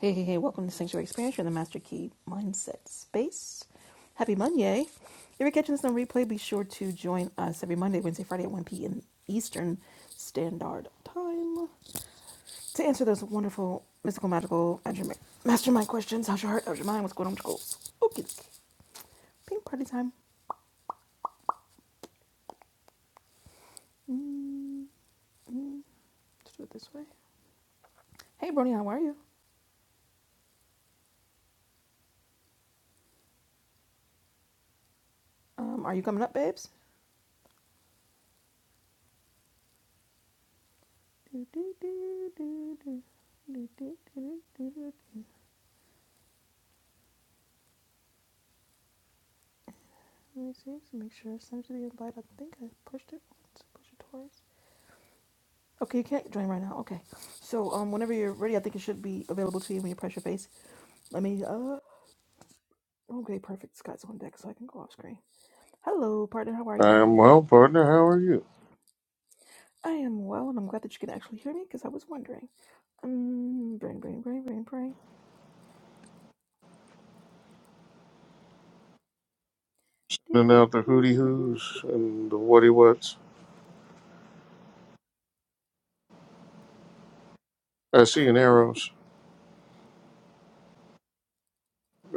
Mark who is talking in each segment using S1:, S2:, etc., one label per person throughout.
S1: Hey, hey, hey, welcome to Sanctuary Experience. You're in the Master Key Mindset Space. Happy Monday. If you're catching this on replay, be sure to join us every Monday, Wednesday, Friday at 1 p.m. Eastern Standard Time to answer those wonderful, mystical, magical, mastermind questions. How's your heart? How's your mind? What's going on with your goals? Okay. okay. Pink party time. Let's do it this way. Hey, Brony, how are you? Um, are you coming up, babes? do, do, do, do. Do, do, do, do, do, do, Let me see. Just make sure I sent you the invite. I think I pushed it once. Push it twice. Okay, you can't join right now. Okay. So um, whenever you're ready, I think it should be available to you when you press your face. Let me. Uh. Okay, perfect. Scott's on deck, so I can go off screen. Hello, partner. How are you?
S2: I'm well, partner. How are you?
S1: I am well, and I'm glad that you can actually hear me because I was wondering. Um, brain, brain, brain, brain, brain. Do
S2: And
S1: do
S2: out the hooty
S1: do do do. do.
S2: hoos and the whatty whats. I see an arrows.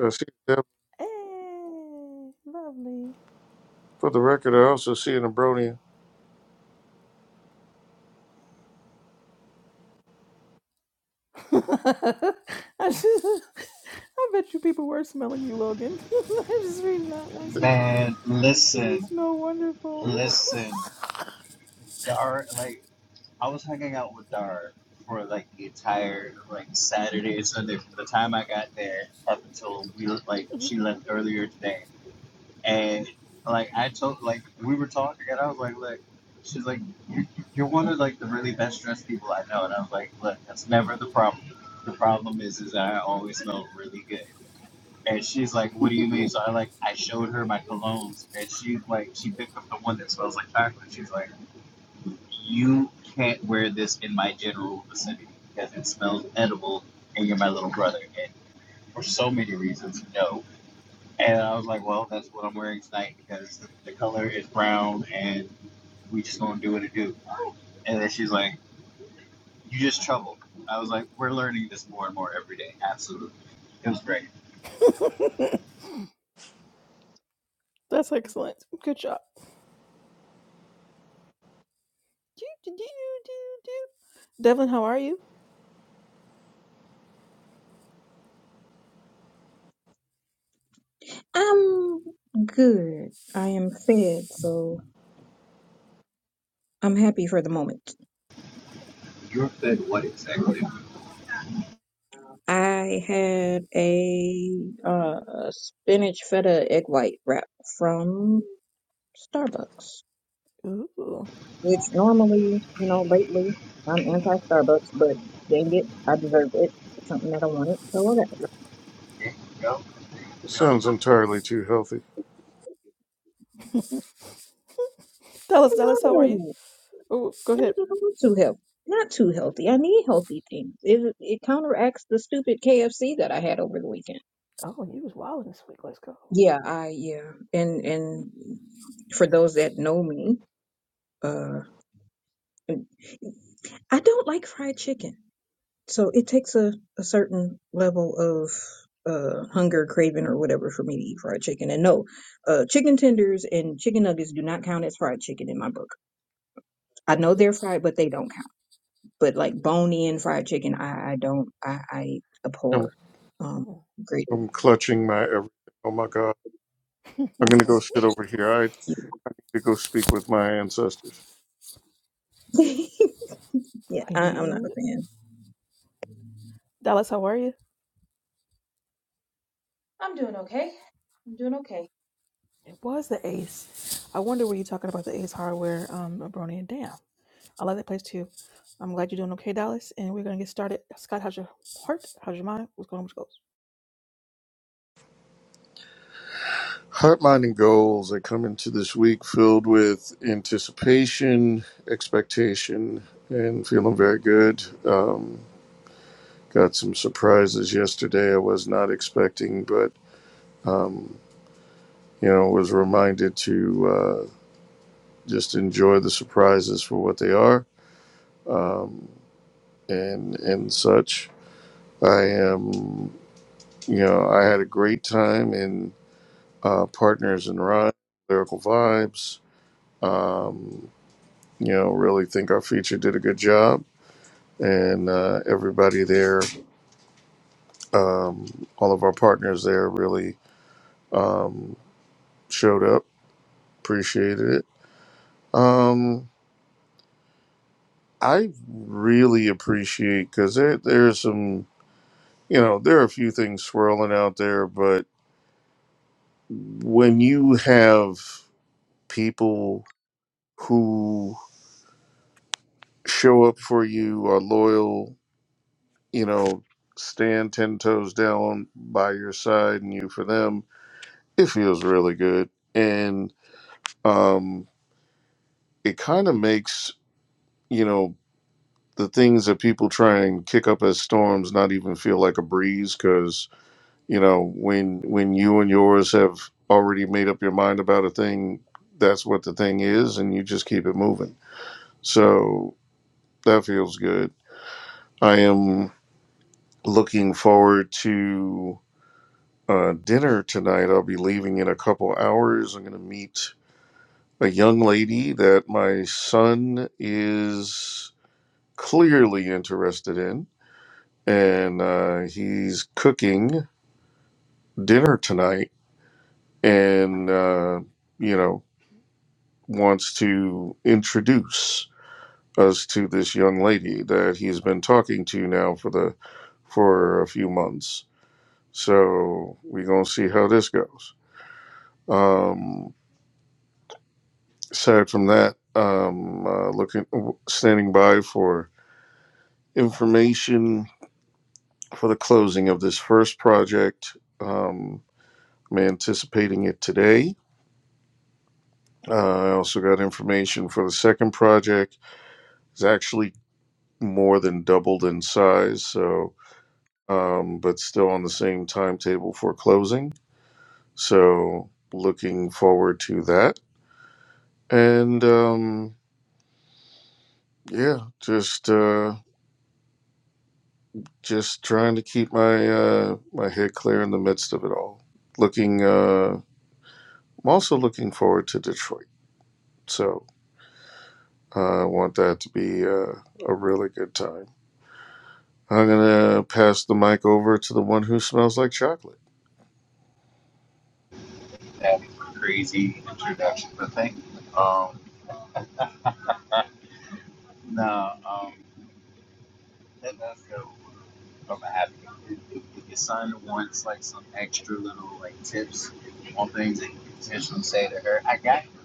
S2: I see a deb.
S1: Hey, lovely.
S2: For the record, I also see an abronia.
S1: I just, I bet you people were smelling you, Logan. I just reading that message.
S3: Man,
S1: You
S3: listen,
S1: smell wonderful.
S3: listen. Dar, like, I was hanging out with Dar for like the entire like Saturday and Sunday from the time I got there up until we like she left earlier today. And like I told, like we were talking, and I was like, look, she's like, you, you're one of like the really best dressed people I know, and I was like, look, that's never the problem. The problem is, is I always smell really good. And she's like, "What do you mean?" So I like I showed her my colognes, and she's like, she picked up the one that smells like chocolate. She's like, "You can't wear this in my general vicinity because it smells edible, and you're my little brother." And for so many reasons, no. And I was like, "Well, that's what I'm wearing tonight because the, the color is brown, and we just gonna do what it do." And then she's like, "You just trouble." I was like, "We're learning this more and more every day. Absolutely, it was great."
S1: That's excellent. Good job. Devlin, how are you?
S4: I'm good. I am fed, so I'm happy for the moment.
S3: You're fed what exactly?
S4: I had a uh, spinach feta egg white wrap from Starbucks,
S1: Ooh.
S4: which normally, you know, lately I'm anti-Starbucks, but dang it, I deserve it. It's something that I wanted, so I got it.
S3: There you go. There
S2: It
S3: you go.
S2: sounds entirely too healthy.
S1: Dallas,
S4: No,
S1: Dallas, how are you?
S4: no,
S1: Oh, go ahead.
S4: no, not too healthy. Not too healthy. I need healthy things. It it counteracts the stupid KFC that I had over the weekend.
S1: Oh, you was wilding this week. Let's go.
S4: Yeah, I yeah, and and for those that know me, uh, and I don't like fried chicken, so it takes a a certain level of uh hunger, craving, or whatever for me to eat fried chicken. And no, uh, chicken tenders and chicken nuggets do not count as fried chicken in my book. I know they're fried, but they don't count. But like bone in fried chicken, I I don't I I abhor.
S2: I'm,
S4: Um, greatly.
S2: I'm clutching my every. Oh my God. I'm going to
S1: Mm.
S2: go sit over here. I need to go speak with my ancestors.
S4: yeah, I, I'm not a
S1: You-
S4: fan.
S1: Dallas, how are you?
S5: I'm doing okay. I'm doing okay.
S1: It was the Ace. I wonder were you talking about the Ace Hardware, um, Brony and Dan? I like that place too. I'm glad you're doing okay, Dallas. And we're gonna get started. Scott, how's your heart? How's your mind? What's going on with your goals?
S2: Heartline and goals. I come into this week filled with anticipation, expectation, and feeling very good. Um, got some surprises yesterday I was not expecting, but um, you know, was reminded to uh, just enjoy the surprises for what they are, um, and and such. I am, you know, I had a great time in uh, Partners in Rhyme, Lyrical Vibes. Um, you know, really think our feature did a good job, and uh, everybody there, um, all of our partners there, really um, showed up. Appreciated it. Um, I really appreciate because there there's some you know there are a few things swirling out there, but when you have people who show up for you, are loyal, you know, stand ten toes down by your side and you for them, it feels really good, and um, it kind of makes you know the things that people try and kick up as storms not even feel like a breeze because. you know when when you and yours have already made up your mind about a thing that's what the thing is and you just keep it moving so that feels good i am looking forward to uh, dinner tonight i'll be leaving in a couple hours i'm going to meet a young lady that my son is clearly interested in and uh, he's cooking dinner tonight and uh, you know wants to introduce us to this young lady that he's been talking to now for the for a few months. So we're gonna see how this goes. Um, aside from that, um, uh, looking standing by for information for the closing of this first project. Um, I'm anticipating it today. Uh, I also got information for the second project. It's actually more than doubled in size, so um, but still on the same timetable for closing. So looking forward to that. And um, yeah, just uh, just trying to keep my uh, my head clear in the midst of it all. Looking, uh, I'm also looking forward to Detroit. So uh, I want that to be uh, a really good time. I'm gonna pass the mic over to the one who smells like chocolate.
S3: That crazy introduction, but thank you. Um, no, um, that does go from a happy. If, if if your son wants like some extra little like tips on things that you can potentially say to her, I got you.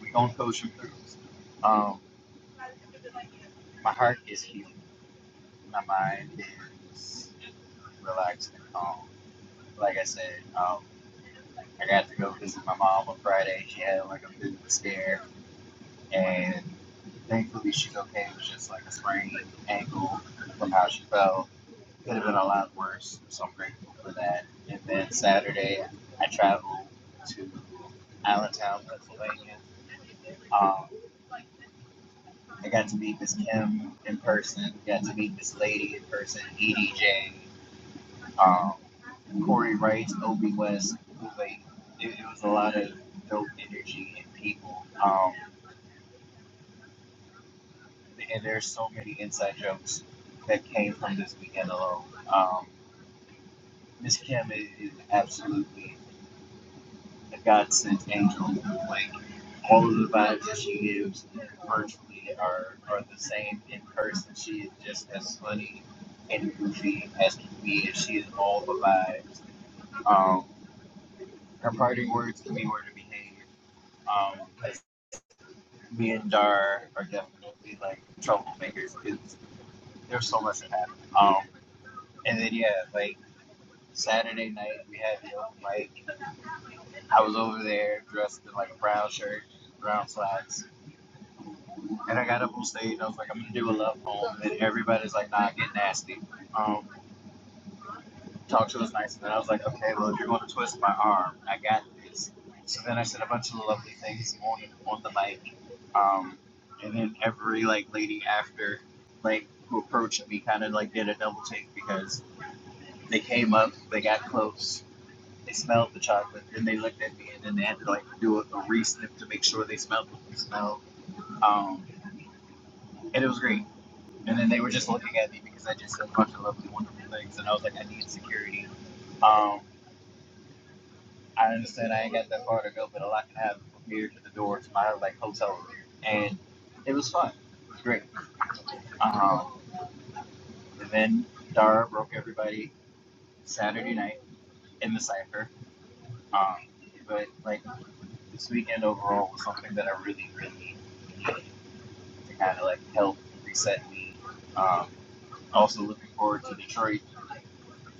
S3: We gonna coach you through this. Um, my heart is healed. My mind is relaxed and calm. Like I said, um, I got to go visit my mom on Friday. She had like a bit of a scare and thankfully she's okay. It was just like a sprained ankle from how she fell. Could have been a lot worse, so I'm grateful for that. And then Saturday, I traveled to Allentown, Pennsylvania. Um, I got to meet Miss Kim in person. Got to meet this lady in person, EDJ, um, Corey Wright, Obi West. Like it, it was a lot of dope energy and people. Um, and there's so many inside jokes that came from this weekend alone. Um, Miss Kim is, is absolutely a godsend angel. Like all of the vibes that she gives virtually are, are the same in person. She is just as funny and goofy as can be, and she is all the vibes. Um, her parting words to me were to behave. um, because me and Dar are definitely like troublemakers. It's, there's so much that happened. Um, And then yeah, like Saturday night we had the open mic. I was over there dressed in like a brown shirt, brown slacks, and I got up on stage. I was like, I'm gonna do a love poem, and everybody's like, Nah, get nasty. Um, talk to us nice. And then I was like, Okay, well if you're gonna twist my arm, I got this. So then I said a bunch of lovely things on on the mic, um, and then every like lady after, like who approached me, kind of like did a double take because they came up, they got close, They smelled the chocolate, then they looked at me, and then they had to like do a, a re-sniff to make sure they smelled what they smelled. Um, and it was great. And then they were just looking at me because I just said a bunch of lovely, wonderful things, and I was like, I need security. Um, I understand I ain't got that far to go, but all I can have from here to the door to my like hotel room, and it was fun. It was great. Um, and then Dara broke everybody Saturday night in the cipher. Um, but like this weekend overall was something that I really, really needed to kind of like help reset me. Um, also looking forward to Detroit.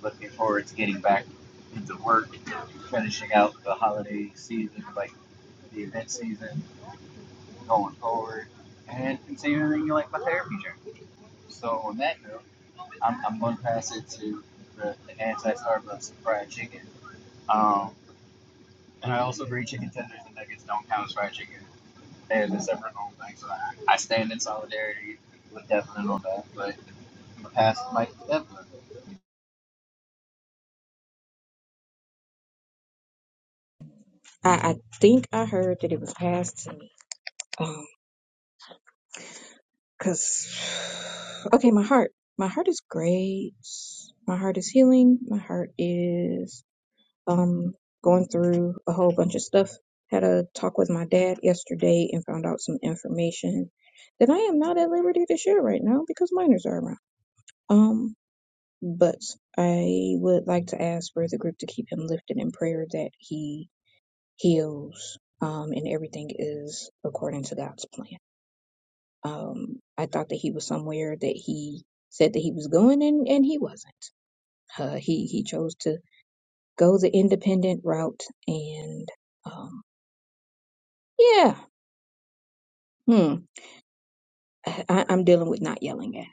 S3: Looking forward to getting back into work, finishing out the holiday season, like the event season, going forward, and continuing like my therapy journey. So on that note, I'm, I'm going to pass it to the, the anti-Starbucks fried chicken. Um, and I also agree chicken tenders and nuggets don't count as fried chicken. There's a separate own thing, so I, I stand in solidarity with Devlin on that. But I'm gonna pass the mic to Devlin.
S4: I, I think I heard that it was passed to me. Um, cause okay, my heart, my heart is great. My heart is healing. My heart is um, going through a whole bunch of stuff. Had a talk with my dad yesterday and found out some information that I am not at liberty to share right now because minors are around. Um, but I would like to ask for the group to keep him lifted in prayer that he heals um, and everything is according to God's plan. Um, I thought that he was somewhere that he said that he was going and, and he wasn't. Uh, he, he chose to go the independent route and um. Yeah. Hmm. I, I'm dealing with not yelling at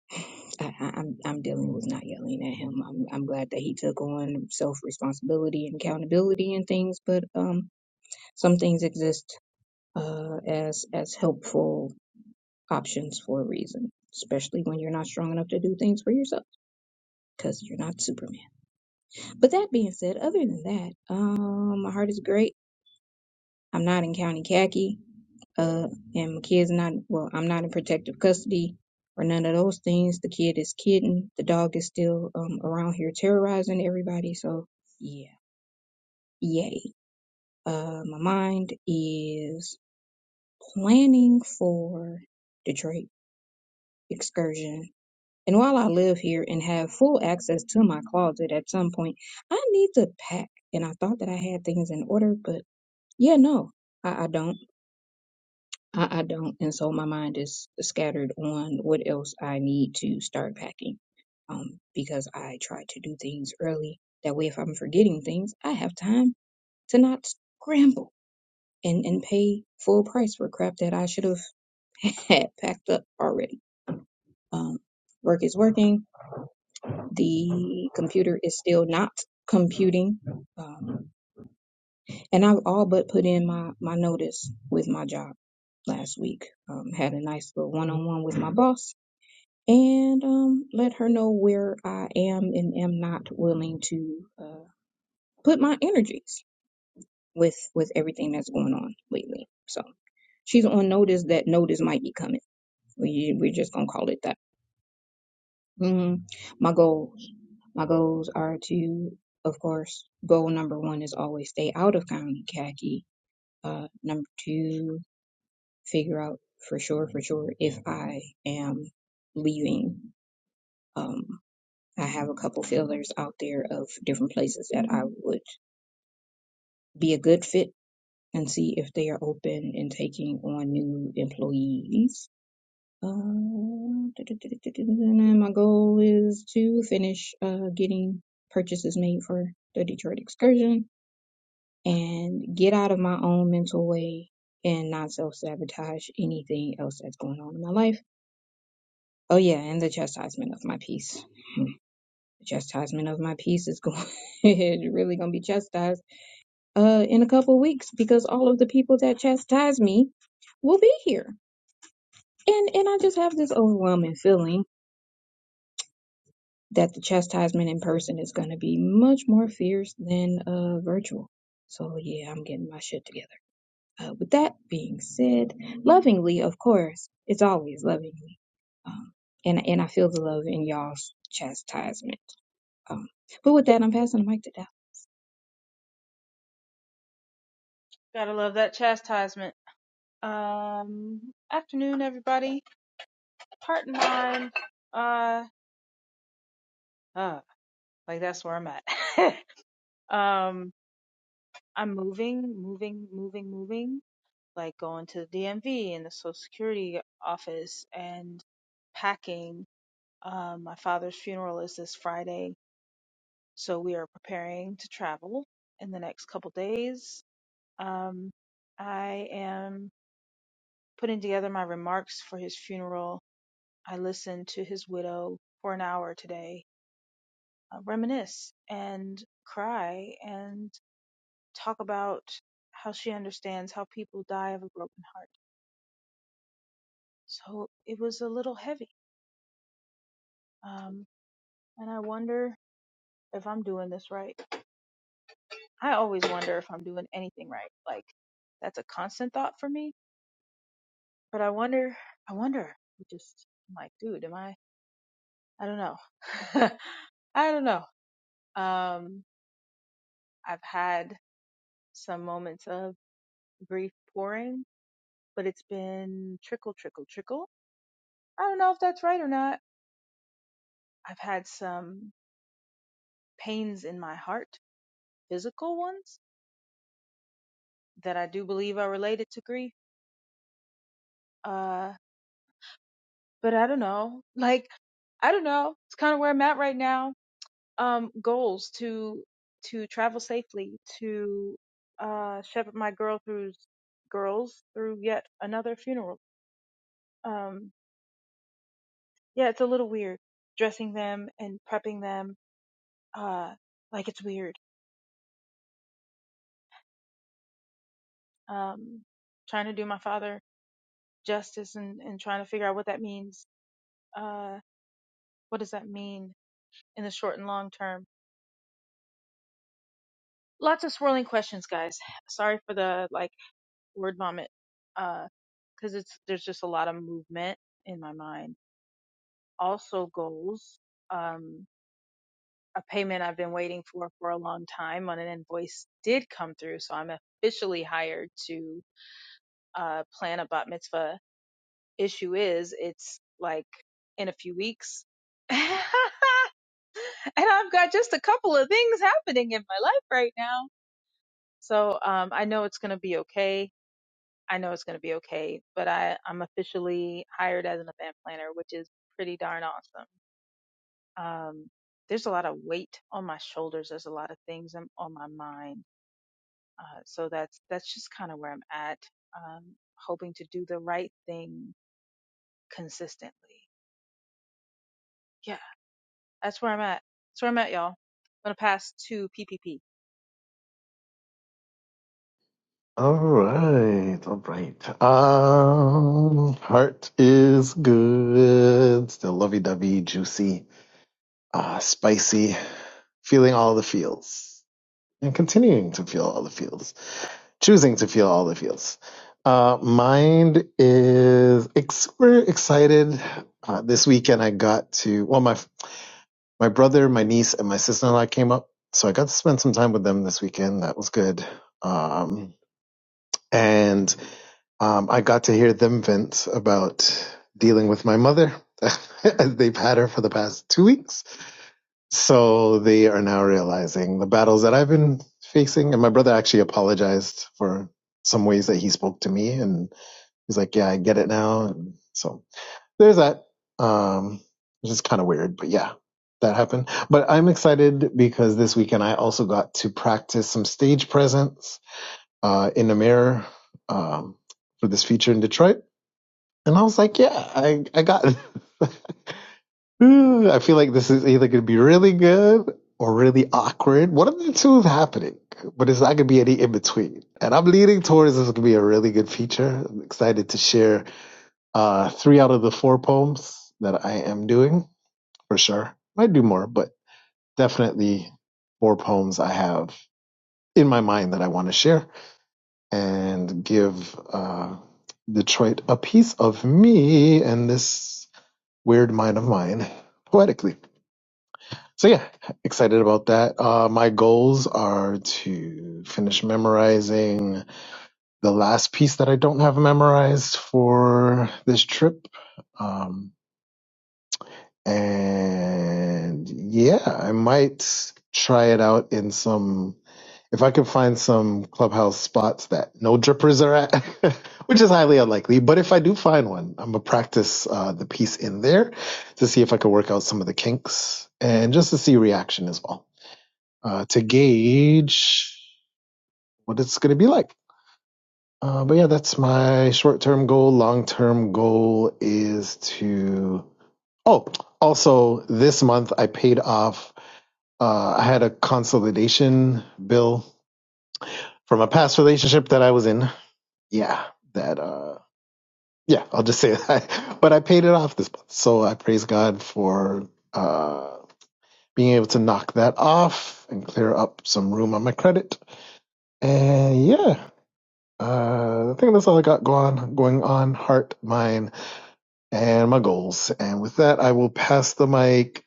S4: him. I, I- I'm I'm dealing with not yelling at him. I'm I'm glad that he took on self responsibility and accountability and things, but um, some things exist uh as as helpful options for a reason, especially when you're not strong enough to do things for yourself because you're not Superman. But that being said, other than that, um, my heart is great. I'm not in county khaki, uh, and my kid's not, well, I'm not in protective custody or none of those things. The kid is kitten. The dog is still um, around here terrorizing everybody. So, yeah, yay. Uh, my mind is planning for Detroit excursion. And while I live here and have full access to my closet at some point, I need to pack. And I thought that I had things in order, but yeah, no, I, I don't. I, I don't. And so my mind is scattered on what else I need to start packing. Um, because I try to do things early. That way, if I'm forgetting things, I have time to not scramble and, and pay full price for crap that I should have had packed up already. Um, work is working. The computer is still not computing. Um, and I've all but put in my, my notice with my job last week. Um, had a nice little one on one with my boss and um, let her know where I am and am not willing to uh, put my energies with with everything that's going on lately. So she's on notice that notice might be coming. We we're just gonna call it that. Mhm. My goals, my goals are to, of course, goal number one is always stay out of county khaki. Uh, number two, figure out for sure, for sure, if I am leaving. Um, I have a couple fillers out there of different places that I would be a good fit and see if they are open and taking on new employees. Uh, and my goal is to finish uh, getting purchases made for the Detroit excursion and get out of my own mental way and not self sabotage anything else that's going on in my life. Oh, yeah, and the chastisement of my peace. Hmm. The chastisement of my peace is going, really going to be chastised uh, in a couple weeks because all of the people that chastise me will be here. And and I just have this overwhelming feeling that the chastisement in person is going to be much more fierce than uh, virtual. So yeah, I'm getting my shit together. Uh, with that being said, lovingly, of course, it's always lovingly, um, and and I feel the love in y'all's chastisement. Um, but with that, I'm passing the mic to Dallas.
S5: Gotta love that chastisement. Um, afternoon, everybody. Part nine. Uh, uh, like that's where I'm at. um, I'm moving, moving, moving, moving. Like going to the DMV and the Social Security office and packing. Um, my father's funeral is this Friday, so we are preparing to travel in the next couple days. Um, I am Putting together my remarks for his funeral, I listened to his widow for an hour today, uh, reminisce and cry and talk about how she understands how people die of a broken heart. So it was a little heavy. Um, and I wonder if I'm doing this right. I always wonder if I'm doing anything right. Like, that's a constant thought for me. But I wonder, I wonder, just, I'm like, dude, am I, I don't know. I don't know. Um, I've had some moments of grief pouring, but it's been trickle, trickle, trickle. I don't know if that's right or not. I've had some pains in my heart, physical ones that I do believe are related to grief. Uh, but I don't know. Like, I don't know. It's kind of where I'm at right now. Um, goals to, to travel safely, to, uh, shepherd my girl through, girls through yet another funeral. Um, Yeah, it's a little weird dressing them and prepping them. Uh, like it's weird. Um, trying to do my father justice and, and trying to figure out what that means. Uh, what does that mean in the short and long term? Lots of swirling questions, guys. Sorry for the like word vomit. Uh, cause it's, there's just a lot of movement in my mind. Also goals. Um, a payment I've been waiting for for a long time on an invoice did come through. So I'm officially hired to uh, plan a bat mitzvah. Issue is, it's like in a few weeks. and I've got just a couple of things happening in my life right now. So um, I know it's going to be okay. I know it's going to be okay. But I, I'm officially hired as an event planner, which is pretty darn awesome. Um, there's a lot of weight on my shoulders. There's a lot of things on my mind. Uh, so that's that's just kind of where I'm at. Um, hoping to do the right thing consistently. yeah, that's where I'm at. That's where I'm at, y'all. I'm gonna pass to PPP.
S6: All right, all right. Um, heart is good. Still lovey-dovey, juicy, uh, spicy. Feeling all the feels and continuing to feel all the feels, choosing to feel all the feels. Uh, mind is ex- super excited. Uh, this weekend I got to well, my my brother, my niece, and my sister-in-law came up, so I got to spend some time with them this weekend. That was good. Um, and. Um, I got to hear them vent about dealing with my mother. They've had her for the past two weeks. So they are now realizing the battles that I've been facing. And my brother actually apologized for some ways that he spoke to me. And he's like, yeah, I get it now. And so there's that. Um, which is kind of weird, but yeah, that happened. But I'm excited because this weekend I also got to practice some stage presence, uh, in the mirror, um, for this feature in Detroit and I was like, yeah, I, I got Ooh, I feel like this is either going to be really good or really awkward. One of the two is happening, but it's not going to be any in between. And I'm leaning towards this is going to be a really good feature. I'm excited to share uh, three out of the four poems that I am doing for sure. Might do more, but definitely four poems I have in my mind that I want to share and give uh, Detroit a piece of me and this. weird mind of mine poetically. So yeah, excited about that. Uh, my goals are to finish memorizing the last piece that I don't have memorized for this trip. Um, and yeah, I might try it out in some If I could find some clubhouse spots that no drippers are at, which is highly unlikely, but if I do find one, I'm gonna practice uh, the piece in there to see if I could work out some of the kinks and just to see reaction as well uh, to gauge what it's gonna be like. Uh, but yeah, that's my short-term goal. Long-term goal is to oh, also this month I paid off. Uh, I had a consolidation bill from a past relationship that I was in. yeah, that uh yeah, I'll just say that. But I paid it off this month. So I praise God for uh being able to knock that off and clear up some room on my credit. And yeah, uh I think that's all I got going on going on, heart, mind, and my goals. And with that I will pass the mic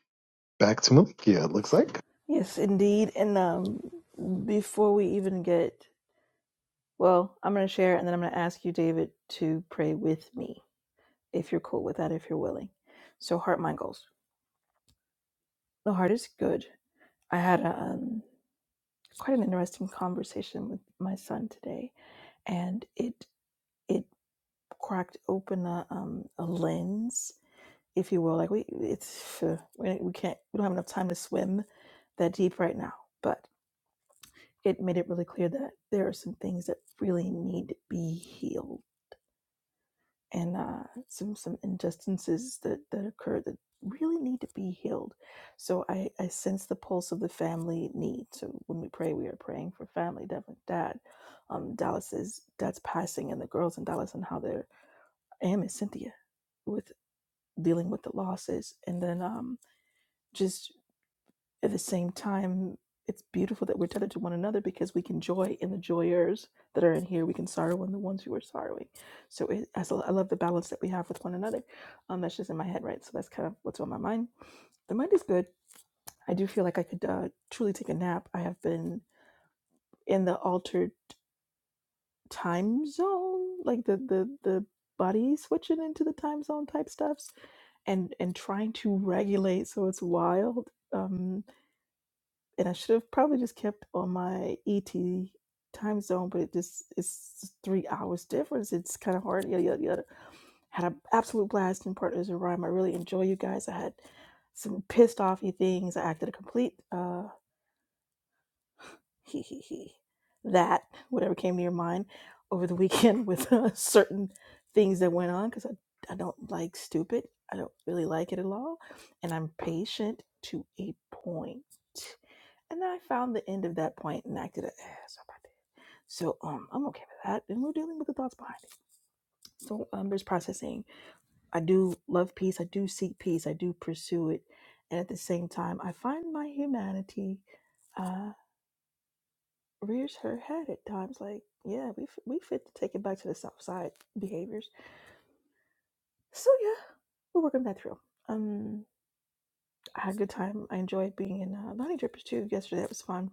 S6: back to Malikia, it looks like.
S1: Yes, indeed. And um, before we even get, well, I'm gonna share, and then I'm gonna ask you, David, to pray with me if you're cool with that, if you're willing. So, heart, mind, goals. The heart is good. I had a, um, quite an interesting conversation with my son today, and it it cracked open a, um, a lens if you will. Like we, it's uh, we we can't we don't have enough time to swim that deep right now. But it made it really clear that there are some things that really need to be healed, and uh, some some injustices that that occurred that really need to be healed. So I I sense the pulse of the family need. So when we pray, we are praying for family, definitely dad. Um, Dallas's dad's passing, and the girls in Dallas and how they're. am is Cynthia with dealing with the losses, and then um At the same time, it's beautiful that we're tethered to one another because we can joy in the joyers that are in here. We can sorrow in the ones who are sorrowing. So it, I, so I love the balance that we have with one another. Um, that's just in my head, right? So that's kind of what's on my mind. The mind is good. I do feel like I could uh, truly take a nap. I have been in the altered time zone, like the the the body switching into the time zone type stuffs and and trying to regulate so it's wild Um. and I should have probably just kept on my ET time zone, but it just it's three hours difference. It's kind of hard. Yada yada yada. Had an absolute blast in Partners in Rhyme. I really enjoy you guys. I had some pissed offy things. I acted a complete uh he he he that whatever came to your mind over the weekend with uh, certain things that went on because I I don't like stupid. I don't really like it at all, and I'm patient to a point. And then I found the end of that point and acted as if I did. So um, I'm okay with that. And we're dealing with the thoughts behind it. So um, there's processing. I do love peace. I do seek peace. I do pursue it. And at the same time, I find my humanity uh, rears her head at times. Like, yeah, we, f- we fit to take it back to the South Side behaviors. So yeah, we're working that through. Um, I had a good time. I enjoyed being in uh, Bonnie Drippers too yesterday. That was fun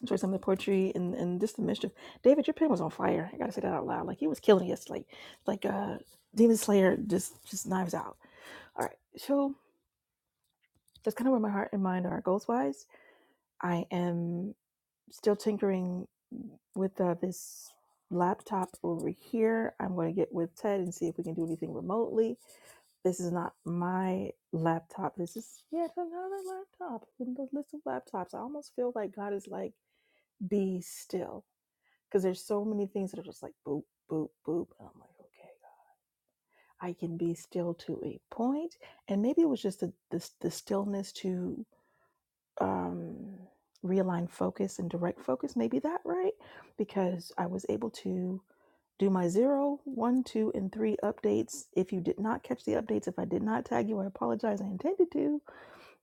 S1: enjoy some of the poetry and, and just the mischief. David, your pen was on fire. I gotta say that out loud. Like he was killing us. Like like uh Demon Slayer just just knives out. All right. So that's kind of where my heart and mind are goals wise. I am still tinkering with uh, this laptop over here. I'm going to get with Ted and see if we can do anything remotely. This is not my laptop. This is yet another laptop. in the list of laptops. I almost feel like God is like, be still because there's so many things that are just like boop, boop, boop. And I'm like, okay, I can be still to a point. And maybe it was just the, the, the stillness to um, realign focus and direct focus. Maybe that, right? Because I was able to do my zero, one, two, and three updates. If you did not catch the updates, if I did not tag you, I apologize. I intended to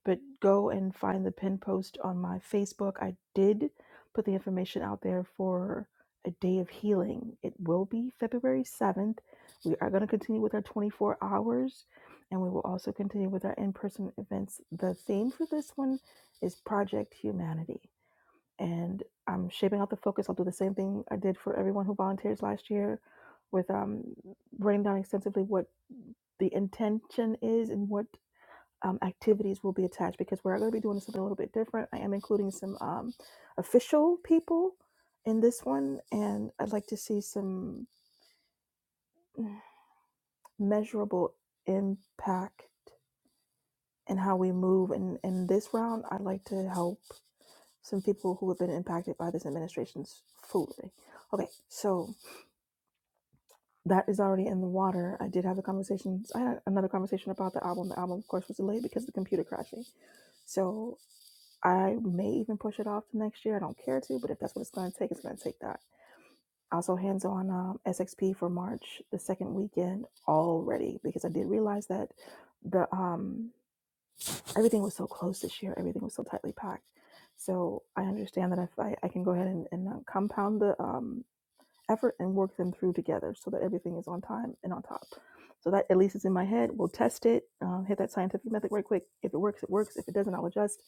S1: but go and find the pin post on my Facebook. I did put the information out there for a day of healing. It will be February 7th. We are going to continue with our 24 hours and we will also continue with our in person events. The theme for this one is Project Humanity. And I'm shaping out the focus. I'll do the same thing I did for everyone who volunteers last year with um, writing down extensively what the intention is and what um, activities will be attached because we're going to be doing something a little bit different. I am including some um, official people in this one, and I'd like to see some mm, measurable impact in how we move. And in this round, I'd like to help some people who have been impacted by this administration's foolery. Okay, so that is already in the water. I did have a conversation. I had another conversation about the album. The album, of course, was delayed because of the computer crashing. So I may even push it off to next year. I don't care to, but if that's what it's going to take, it's going to take that. Also, hands on um, SXP for March, the second weekend already, because I did realize that the um, everything was so close this year. Everything was so tightly packed. So I understand that if I, I can go ahead and, and uh, compound the um, effort and work them through together so that everything is on time and on top. So that at least is in my head. We'll test it, um, hit that scientific method right quick. If it works, it works. If it doesn't, I'll adjust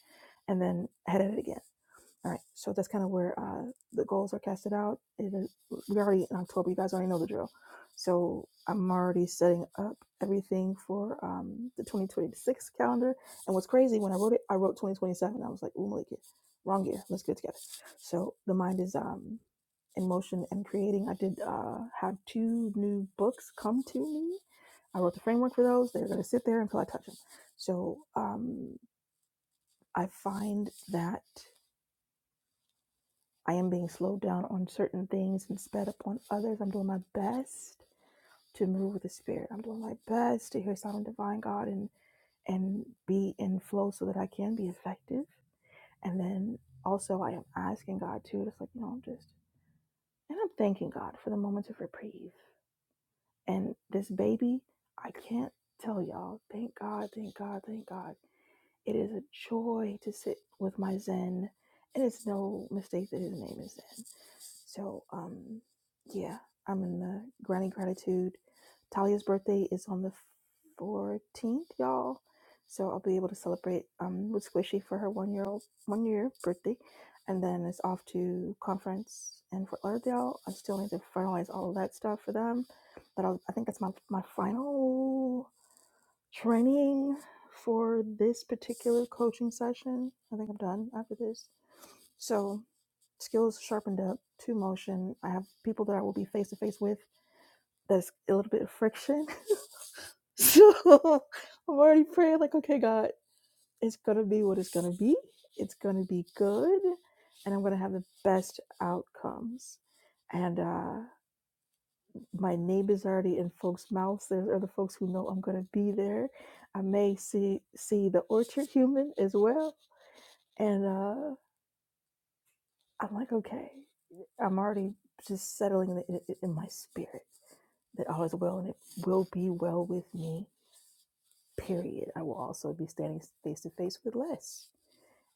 S1: and then head at it again all right, so that's kind of where uh, the goals are casted out. It is, we're already in October. You guys already know the drill. So I'm already setting up everything for um, the 2026 calendar. And what's crazy, when I wrote it, I wrote 2027. I was like, ooh, Malika, wrong year. Let's get it together. So the mind is um, in motion and creating. I did uh, have two new books come to me. I wrote the framework for those. They're going to sit there until I touch them. So um, I find that. I am being slowed down on certain things and sped up on others. I'm doing my best to move with the spirit. I'm doing my best to hear sound of divine God and and be in flow so that I can be effective. And then also I am asking God too, just like, you know, I'm just and I'm thanking God for the moments of reprieve. And this baby, I can't tell y'all. Thank God, thank God, thank God. It is a joy to sit with my Zen. And it's no mistake that his name is Zen So, um, yeah, I'm in the granny gratitude. Talia's birthday is on the 14th, y'all. So I'll be able to celebrate um with Squishy for her one year old one year birthday, and then it's off to conference in Fort Lauderdale. I still need to finalize all of that stuff for them, but I'll, I think that's my my final training for this particular coaching session. I think I'm done after this. So skills sharpened up to motion. I have people that I will be face to face with. That's a little bit of friction. So I'm already praying, like, okay, God, it's going to be what it's going to be. It's going to be good. And I'm going to have the best outcomes. And uh, my name is already in folks' mouths. There's other folks who know I'm going to be there. I may see see the orchard human as well. And uh, I'm like, okay, I'm already just settling in, in, in my spirit. that all is well and it will be well with me, period. I will also be standing face to face with Les.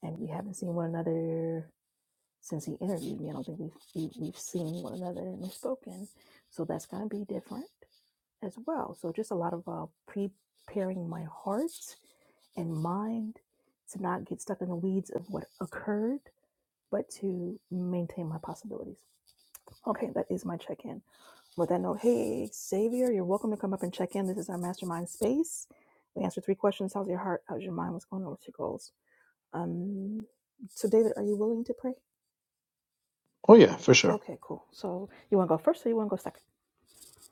S1: And we haven't seen one another since he interviewed me. I don't think we've, we- we've seen one another and we've spoken. So that's going to be different as well. So just a lot of uh, preparing my heart and mind to not get stuck in the weeds of what occurred, but to maintain my possibilities. Okay, that is my check in. With that note, hey, Xavier, you're welcome to come up and check in. This is our mastermind space. We answer three questions How's your heart? How's your mind? What's going on with your goals? Um, so, David, are you willing to pray?
S6: Oh yeah, for sure.
S1: Okay, cool. So, you want to go first or you want to go second?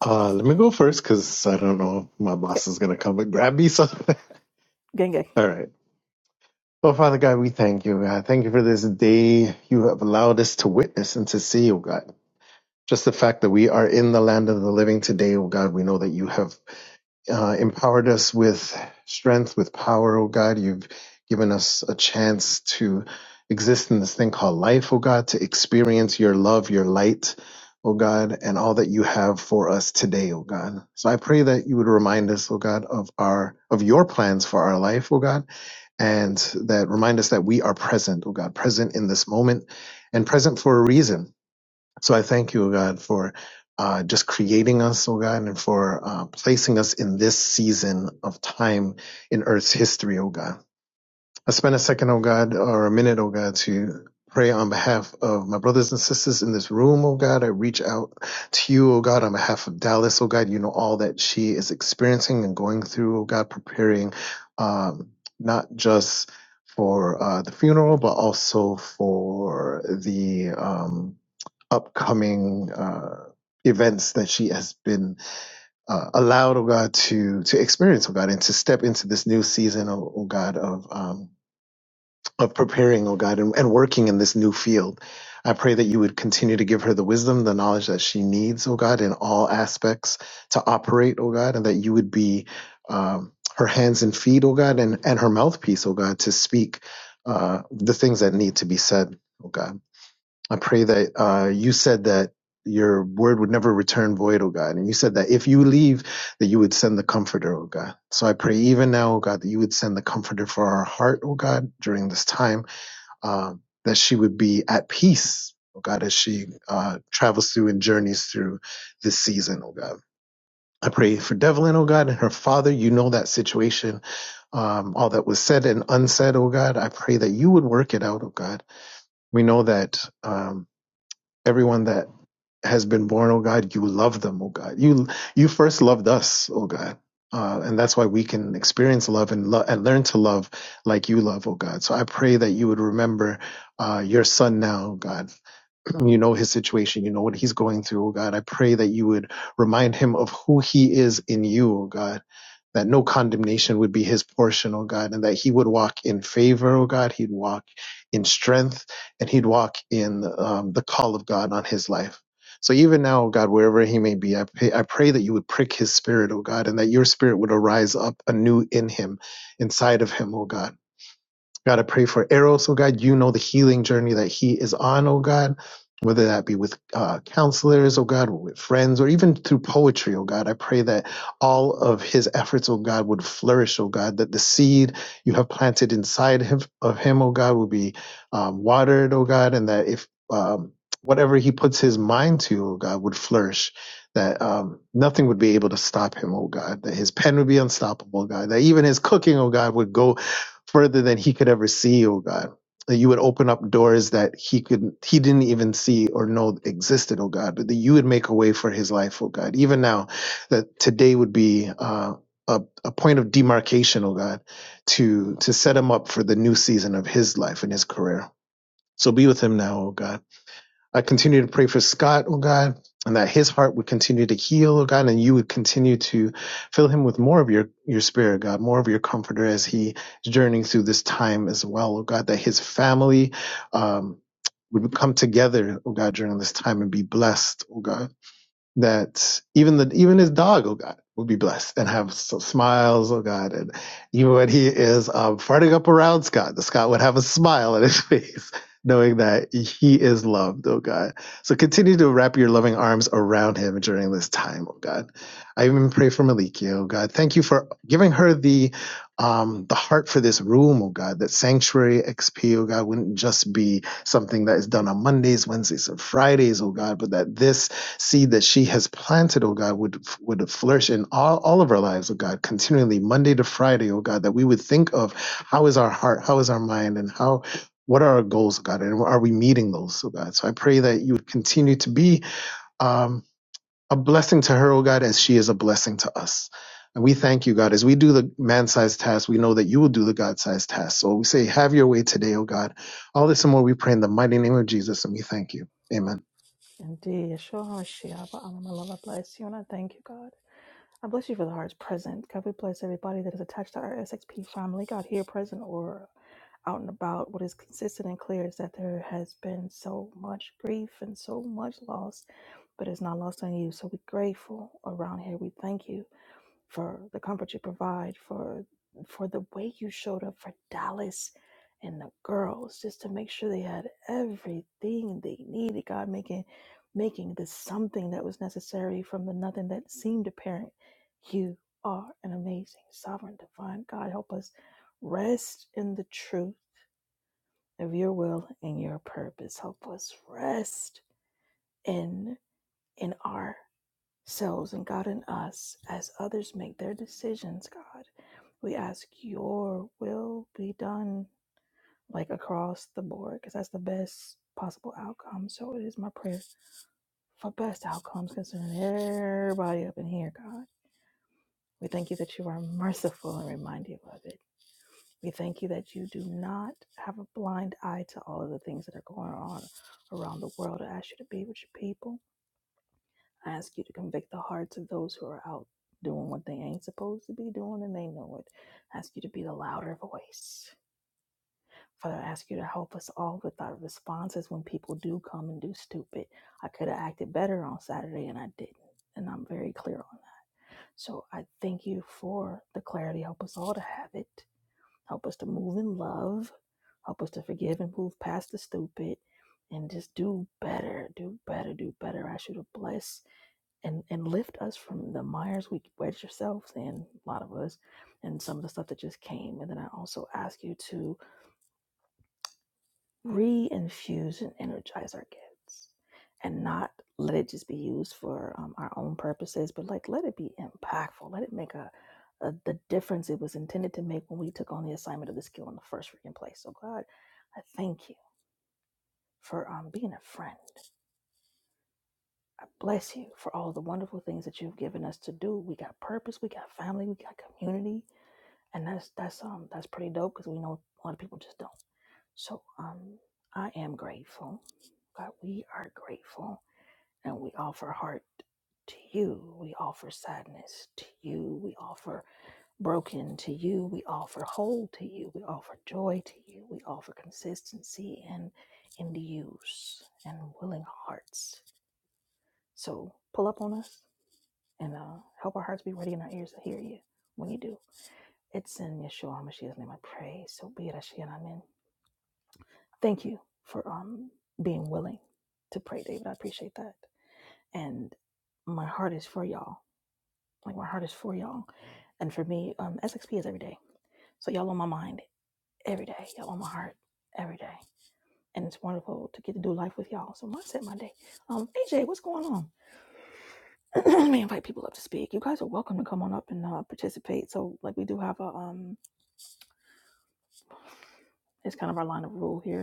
S6: Uh let me go first because I don't know if my
S1: Okay,
S6: boss is gonna come and grab me, so
S1: gang, gang.
S6: all right. Oh, Father God, we thank you, God. Thank you for this day you have allowed us to witness and to see, oh God. Just the fact that we are in the land of the living today, oh God, we know that you have uh, empowered us with strength, with power, oh God. You've given us a chance to exist in this thing called life, oh God, to experience your love, your light, oh God, and all that you have for us today, oh God. So I pray that you would remind us, oh God, of our of your plans for our life, oh God and that remind us that we are present, oh God, present in this moment and present for a reason. So I thank you, oh God, for uh, just creating us, oh God, and for uh, placing us in this season of time in Earth's history, oh God. I spend a second, oh God, or a minute, oh God, to pray on behalf of my brothers and sisters in this room, oh God. I reach out to you, oh God, on behalf of Dallas, oh God. You know all that she is experiencing and going through, oh God, preparing um, not just for uh, the funeral, but also for the um, upcoming uh, events that she has been uh, allowed, oh God, to to experience, oh God, and to step into this new season, oh, oh God, of. Um, of preparing, oh God, and, and working in this new field. I pray that you would continue to give her the wisdom, the knowledge that she needs, oh God, in all aspects to operate, oh God, and that you would be um, her hands and feet, oh God, and, and her mouthpiece, oh God, to speak uh, the things that need to be said, oh God. I pray that uh, you said that your word would never return void, oh God. And you said that if you leave, that you would send the comforter, oh God. So I pray even now, oh God, that you would send the comforter for our heart, oh God, during this time um, that she would be at peace, oh God, as she uh, travels through and journeys through this season, oh God. I pray for Devlin, oh God, and her father. You know that situation, um, all that was said and unsaid, oh God. I pray that you would work it out, oh God. We know that. Um, everyone that has been born, oh God, you love them, oh God. You you first loved us, oh God. Uh, and that's why we can experience love and, lo- and learn to love like you love, oh God. So I pray that you would remember uh, your son now, oh God. You know his situation. You know what he's going through, oh God. I pray that you would remind him of who he is in you, oh God that no condemnation would be his portion, oh God, and that he would walk in favor, oh God. He'd walk in strength and he'd walk in um, the call of God on his life. So even now, oh God, wherever he may be, I pray, I pray that you would prick his spirit, oh God, and that your spirit would arise up anew in him, inside of him, oh God God, I pray for Eros, oh God. You know the healing journey that he is on, oh God, whether that be with uh, counselors, oh God, or with friends, or even through poetry, oh God. I pray that all of his efforts, oh God, would flourish, oh God, that the seed you have planted inside him, of him, oh God, will be um, watered, oh God, and that if um, whatever he puts his mind to, oh God, would flourish. That um, nothing would be able to stop him, oh God. That his pen would be unstoppable, oh God. That even his cooking, oh God, would go further than he could ever see, oh God. That you would open up doors that he could he didn't even see or know existed, oh God, but that you would make a way for his life, oh God. Even now, that today would be uh, a, a point of demarcation, oh God, to to set him up for the new season of his life and his career. So be with him now, oh God I continue to pray for Scott, oh God, and that his heart would continue to heal, oh God, and you would continue to fill him with more of your, your spirit, God, more of your comforter as he is journeying through this time as well, oh God, that his family, um, would come together, oh God, during this time and be blessed, oh God that even the even his dog, oh God, will be blessed and have so smiles, oh God, and even when he is um, farting up around Scott, the Scott would have a smile on his face, knowing that he is loved, oh God. So continue to wrap your loving arms around him during this time, oh God. I even pray for Maliki, oh God. Thank you for giving her the um, the heart for this room, oh God. That sanctuary XP, oh God, wouldn't just be something that is done on Mondays, Wednesdays, and Fridays, oh God, but that this seed that she has planted, oh God, would would flourish in all, all of our lives, oh God, continually, Monday to Friday, oh God, that we would think of how is our heart, how is our mind, and how what are our goals, oh God, and are we meeting those, oh God? So I pray that you would continue to be um, a blessing to her, oh God, as she is a blessing to us. And we thank you, God, as we do the man-sized task, we know that you will do the God-sized task. So we say, have your way today, oh God. All this and more we pray in the mighty name of Jesus, and we thank you. Amen.
S1: Indeed. Yeshua HaMashiach, Ba'alam, Allah, bless you, and I thank you, God. I bless you for the heart's present. God, we bless everybody that is attached to our SXP family, God, here present or out and about. What is consistent and clear is that there has been so much grief and so much loss, but it's not lost on you. So we're grateful around here. We thank you for the comfort you provide, for for the way you showed up for Dallas and the girls, just to make sure they had everything they needed. God making making this something that was necessary from the nothing that seemed apparent. You are an amazing sovereign divine God. Help us rest in the truth of your will and your purpose. Help us rest in in ourselves and God in us as others make their decisions, God we ask your will be done, like across the board, because that's the best possible outcome. So it is my prayer for best outcomes concerning everybody up in here, God. We thank you that you are merciful and remind you of it. We thank you that you do not have a blind eye to all of the things that are going on around the world. I ask you to be with your people. I ask you to convict the hearts of those who are out doing what they ain't supposed to be doing and they know it. I ask you to be the louder voice Father, I ask you to help us all with our responses when people do come and do stupid. I could have acted better on Saturday and I didn't. And I'm very clear on that. So I thank you for the clarity. Help us all to have it. Help us to move in love. Help us to forgive and move past the stupid and just do better, do better, do better. I ask you to bless and, and lift us from the mires we wedge ourselves in, a lot of us, and some of the stuff that just came. And then I also ask you to reinfuse and energize our gifts and not let it just be used for um, our own purposes, but like let it be impactful. Let it make a, a the difference it was intended to make when we took on the assignment of the skill in the first freaking place. So God, I thank you for um, being a friend. I bless you for all the wonderful things that you've given us to do. We got purpose, we got family, we got community, and that's that's um that's pretty dope because we know a lot of people just don't. So um, I am grateful. God, we are grateful and we offer heart to you. We offer sadness to you. We offer broken to you. We offer whole to you. We offer joy to you. We offer consistency and in the use and willing hearts. So pull up on us and uh, help our hearts be ready and our ears to hear you when you do. It's in Yeshua HaMashiach's name I pray. So be it. Ashiyan. Amen. thank you for um being willing to pray, David. I appreciate that. And my heart is for y'all. Like my heart is for y'all. And for me, um, SXP is every day. So y'all on my mind every day. Y'all on my heart every day. And it's wonderful to get to do life with y'all. So mindset Monday. Um, AJ, what's going on? Let me invite people up to speak. You guys are welcome to come on up and uh, participate. So like we do have a um, it's kind of our line of rule here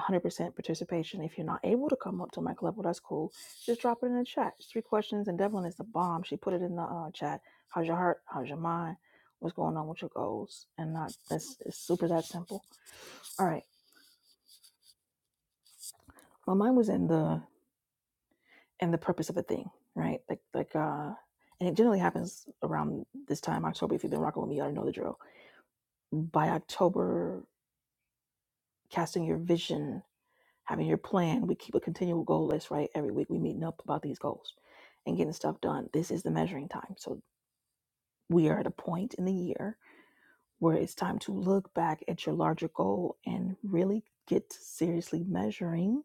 S1: 100% participation. If you're not able to come up to mic level, that's cool. Just drop it in the chat. It's three questions, and Devlin is the bomb. She put it in the uh, chat. How's your heart? How's your mind? What's going on with your goals? And not that's it's super that simple. All right, my mind was in the in the purpose of a thing, right? Like like uh, and it generally happens around this time, October. If you've been rocking with me, you already know the drill. By October, casting your vision having your plan. We keep a continual goal list, right? Every week we meeting up about these goals and getting stuff done. This is the measuring time. So we are at a point in the year where it's time to look back at your larger goal and really get to seriously measuring.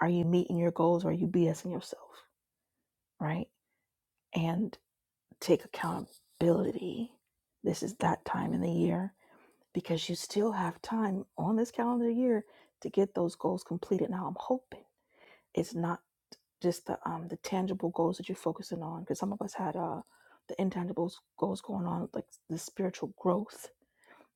S1: Are you meeting your goals or are you BSing yourself, right? And take accountability. This is that time in the year because you still have time on this calendar year to get those goals completed. Now, I'm hoping it's not just the um the tangible goals that you're focusing on because some of us had uh the intangible goals going on like the spiritual growth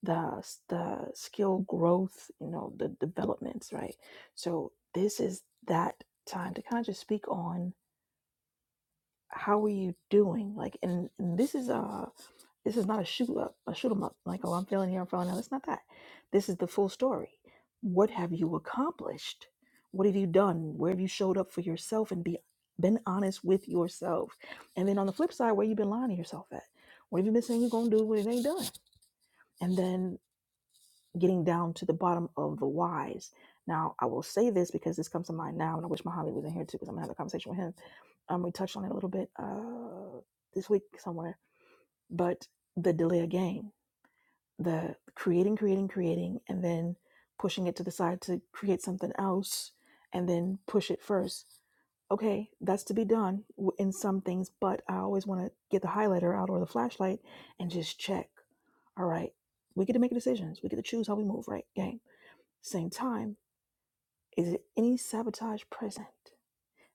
S1: the the skill growth you know the developments right so this is that time to kind of just speak on how are you doing like and, and this is uh this is not a shoot up, a shoot 'em up. Like, oh, I'm feeling here, I'm feeling now. It's not that. This is the full story. What have you accomplished? What have you done? Where have you showed up for yourself and be been honest with yourself? And then on the flip side, where you been lying to yourself at? What have you been saying you're gonna do when it ain't done? And then getting down to the bottom of the whys. Now, I will say this because this comes to mind now, and I wish Muhammad was in here too, because I'm gonna have a conversation with him. Um, we touched on it a little bit uh, this week somewhere, but the delay of gain the creating, creating, creating, and then pushing it to the side to create something else and then push it first. Okay, that's to be done w- in some things, but I always want to get the highlighter out or the flashlight and just check. All right, we get to make decisions. We get to choose how we move, right? Game. Same time, is there any sabotage present?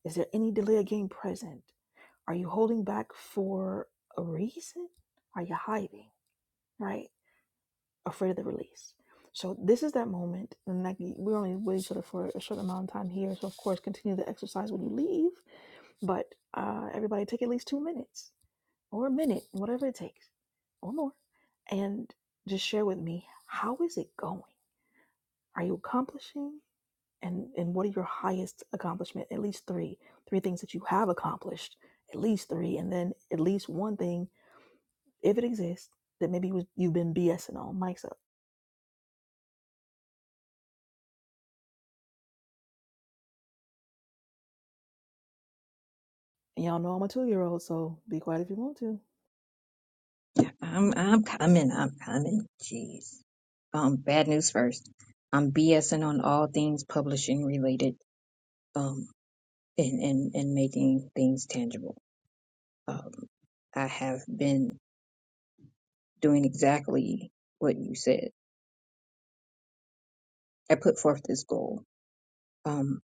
S1: Is there any delay of game present? Are you holding back for a reason? Are you hiding, right? afraid of the release. So this is that moment, and like we're only with each other for a short amount of time here. So of course, continue the exercise when you leave. But uh, everybody, take at least two minutes or a minute, whatever it takes, or more, and just share with me how is it going? Are you accomplishing? And and what are your highest accomplishment? At least three, three things that you have accomplished. At least three, and then at least one thing, if it exists, that maybe you was- you've been BSing on. Mike's up. And y'all know I'm a two year old, so be quiet if you want to.
S4: I'm I'm coming. I'm coming. Jeez. Um, bad news first. I'm BSing on all things publishing related. Um, and and and making things tangible. Um, I have been doing exactly what you said. I put forth this goal. Um,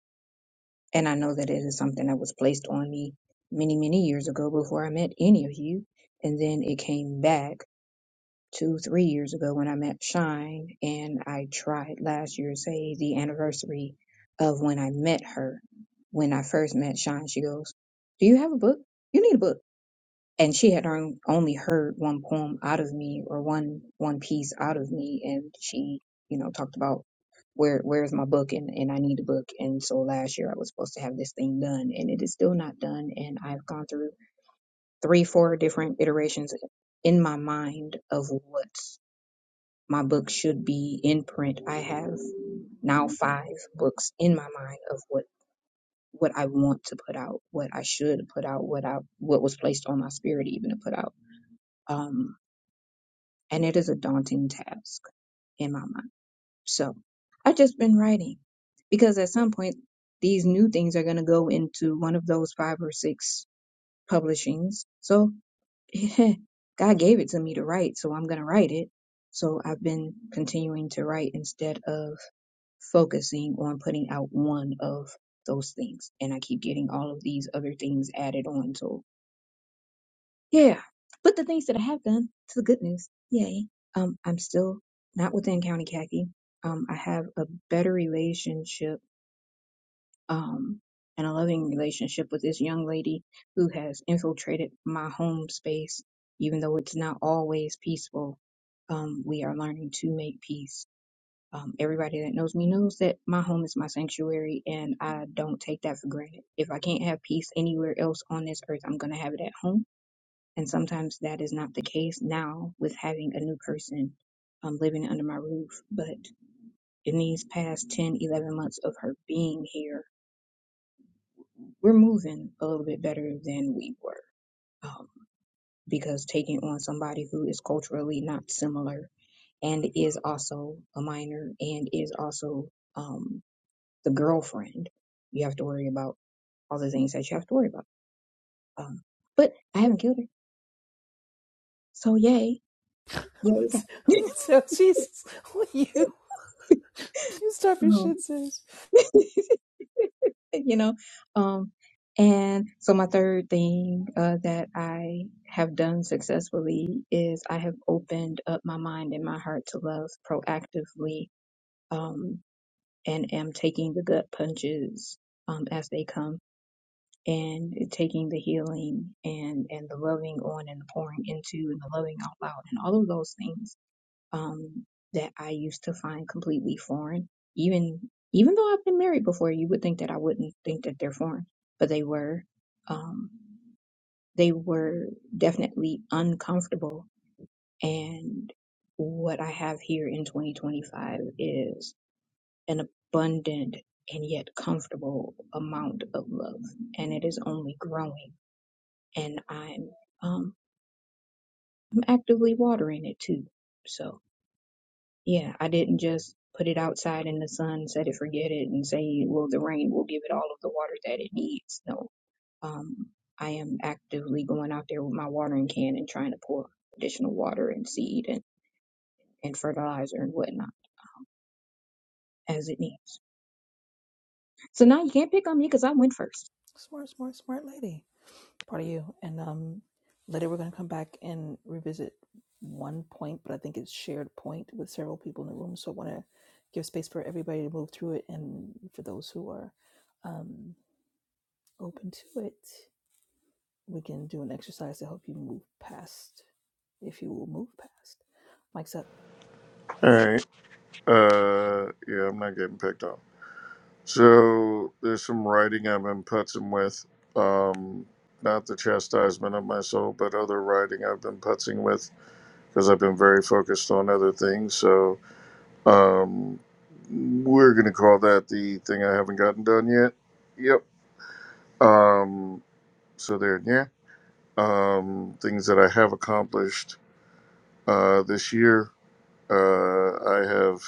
S4: and I know that it is something that was placed on me many many years ago before I met any of you. And then it came back. two, three years ago when I met Shine, and I tried last year, say the anniversary of when I met her. When I first met Shine, she goes, "Do you have a book? You need a book." And she had on- only heard one poem out of me or one one piece out of me, and she, you know, talked about where where's my book and and I need a book. And so last year I was supposed to have this thing done, and it is still not done. And I've gone through three, four different iterations in my mind of what my book should be in print. I have now five books in my mind of what what I want to put out, what I should put out, what I what was placed on my spirit even to put out. Um, and it is a daunting task in my mind. So I've just been writing because at some point these new things are going to go into one of those five or six publishings. So God gave it to me to write, so I'm going to write it. So I've been continuing to write instead of focusing on putting out one of those things. And I keep getting all of these other things added on. So yeah, but the things that I have done, it's the good news, yay. Um, I'm still not within County Khaki. Um, I have a better relationship um, and a loving relationship with this young lady who has infiltrated my home space, even though it's not always peaceful. Um, we are learning to make peace. Um, everybody that knows me knows that my home is my sanctuary, and I don't take that for granted. If I can't have peace anywhere else on this earth, I'm going to have it at home. And sometimes that is not the case now with having a new person um, living under my roof. But in these past 10, 11 months of her being here, we're moving a little bit better than we were um, because taking on somebody who is culturally not similar and is also a minor and is also um, the girlfriend, you have to worry about all the things that you have to worry about. Um, but I haven't killed her, so yay,
S1: I'm
S4: yay!
S1: gonna tell Jesus you. You stop your
S4: um,
S1: shit, sis.
S4: you know, um, and so my third thing uh, that I have done successfully is I have opened up my mind and my heart to love proactively um, and am taking the gut punches um, as they come and taking the healing and and the loving on and the pouring into and the loving out loud and all of those things um, that I used to find completely foreign even even though I've been married before you would think that I wouldn't think that they're foreign but they were um, they were definitely uncomfortable and what I have here in 2025 is an abundant and yet comfortable amount of love, and it is only growing. And I'm um, I'm actively watering it too. So yeah, I didn't just put it outside in the sun, set it, forget it, and say, well, the rain will give it all of the water that it needs. No, um, I am actively going out there with my watering can and trying to pour additional water and seed and, and fertilizer and whatnot as it needs. So now you can't pick on me because I went first.
S1: Smart, smart, smart lady. Part of you. And um later we're gonna come back and revisit one point, but I think it's shared point with several people in the room. So I wanna give space for everybody to move through it and for those who are um open to it, we can do an exercise to help you move past if you will move past. Mike's up.
S2: All right. Uh, yeah, I'm not getting picked on. So there's some writing I've been putzing with. Um, not the chastisement of my soul, but other writing I've been putzing with because I've been very focused on other things. So um, we're going to call that the thing I haven't gotten done yet. Yep. Um, so there, yeah. Um, things that I have accomplished uh, this year. Uh, I have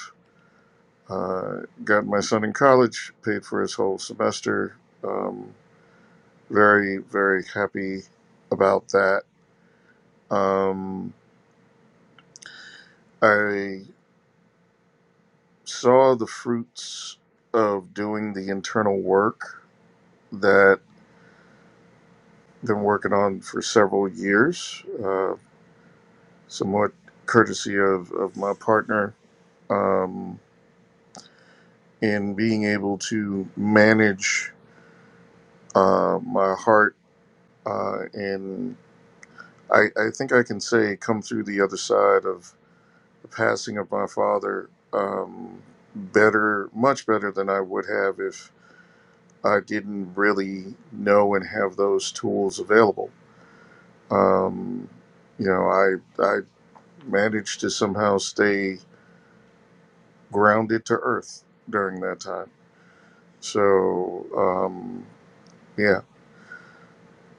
S2: uh, got my son in college, paid for his whole semester. Um, Very, very happy about that. Um, I saw the fruits of doing the internal work that I've been working on for several years, uh, somewhat courtesy of, of my partner, um, in being able to manage uh, my heart. Uh, and I, I think I can say, come through the other side of the passing of my father um, better, much better than I would have if I didn't really know and have those tools available. Um, you know, I I managed to somehow stay grounded to earth during that time. So um, yeah,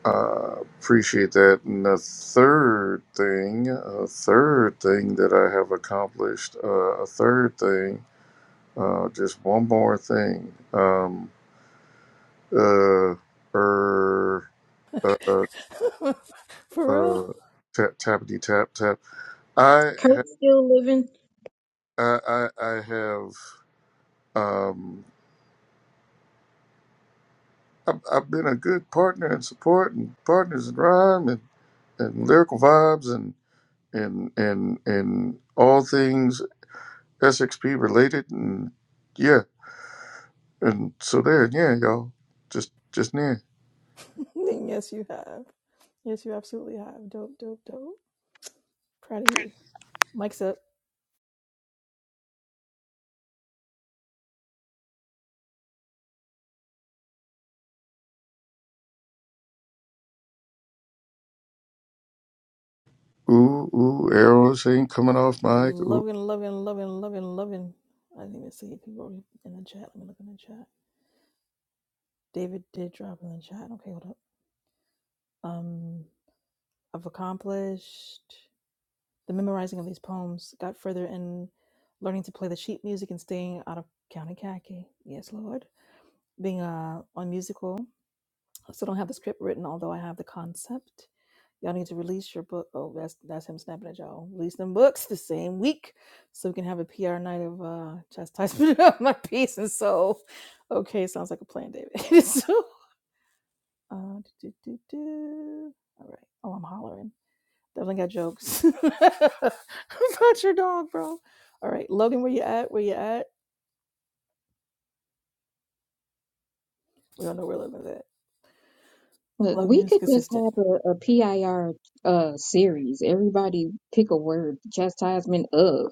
S2: uh, appreciate that. And the third thing, a third thing that I have accomplished, uh, a third thing Uh, just one more thing. Um, uh, er, uh,
S1: For real?
S2: uh, tap, tappity tap tap. I have,
S4: Kurt's still living.
S2: I, I, I have, um, I've, I've been a good partner and support and partners in rhyme and, and lyrical vibes and, and, and, and all things SXP related. And yeah. And so there, yeah, y'all just, just near.
S1: yes, you have. Yes, you absolutely have. Dope, dope, dope. Proud of you. Mike's up.
S2: Ooh, ooh, arrows ain't coming off, Mike.
S1: Loving, loving, loving, loving, loving. I didn't even see if people wrote in the chat. Let me look in the chat. David did drop in the chat. Okay, hold up. Um, I've accomplished the memorizing of these poems. Got further in learning to play the sheet music and staying out of county khaki. Yes, Lord. Being uh, on musical. I still don't have the script written, although I have the concept Y'all need to release your book. Oh, that's that's him snapping at y'all. Release them books the same week, so we can have a PR night of uh chastisement of my peace and soul. Okay, sounds like a plan, David. so, uh, do, do, do, do. all right. Oh, I'm hollering. Definitely got jokes about your dog, bro. All right, Logan, where you at? Where you at? We don't know where Logan's at.
S4: Look,
S1: Logan
S4: we
S1: is
S4: could just
S1: consistent.
S4: have a, a PIR uh series. Everybody pick a word, chastisement of,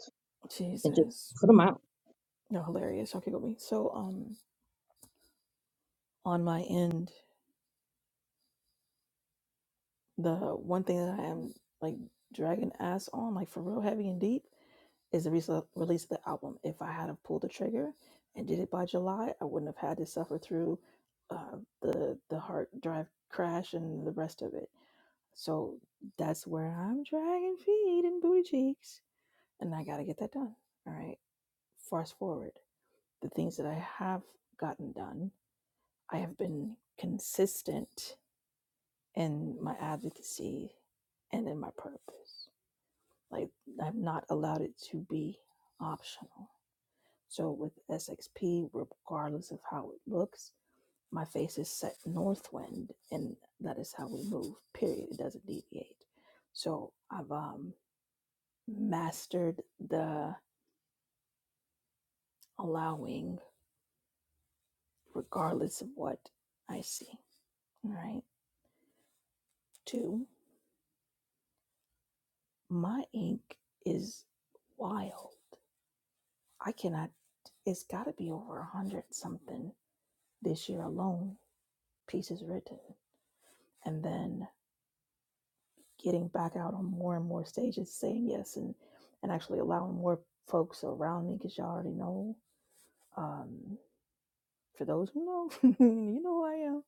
S4: and just
S1: Jesus,
S4: put them out.
S1: you're hilarious. Y'all giggle me. So, um, on my end. The one thing that I am like dragging ass on, like for real heavy and deep, is the release release of the album. If I had have pulled the trigger and did it by July, I wouldn't have had to suffer through uh, the the hard drive crash and the rest of it. So that's where I'm dragging feet and booty cheeks, and I got to get that done. All right. Fast forward, the things that I have gotten done, I have been consistent in my advocacy and in my purpose. Like I've not allowed it to be optional. So with SXP, regardless of how it looks, my face is set northwind, and that is how we move. Period. It doesn't deviate. So I've um, mastered the allowing, regardless of what I see. All right. Two, my ink is wild. I cannot. It's got to be over a hundred something this year alone pieces written. and then getting back out on more and more stages, saying yes, and and actually allowing more folks around me because y'all already know. Um, for those who know, you know who I am.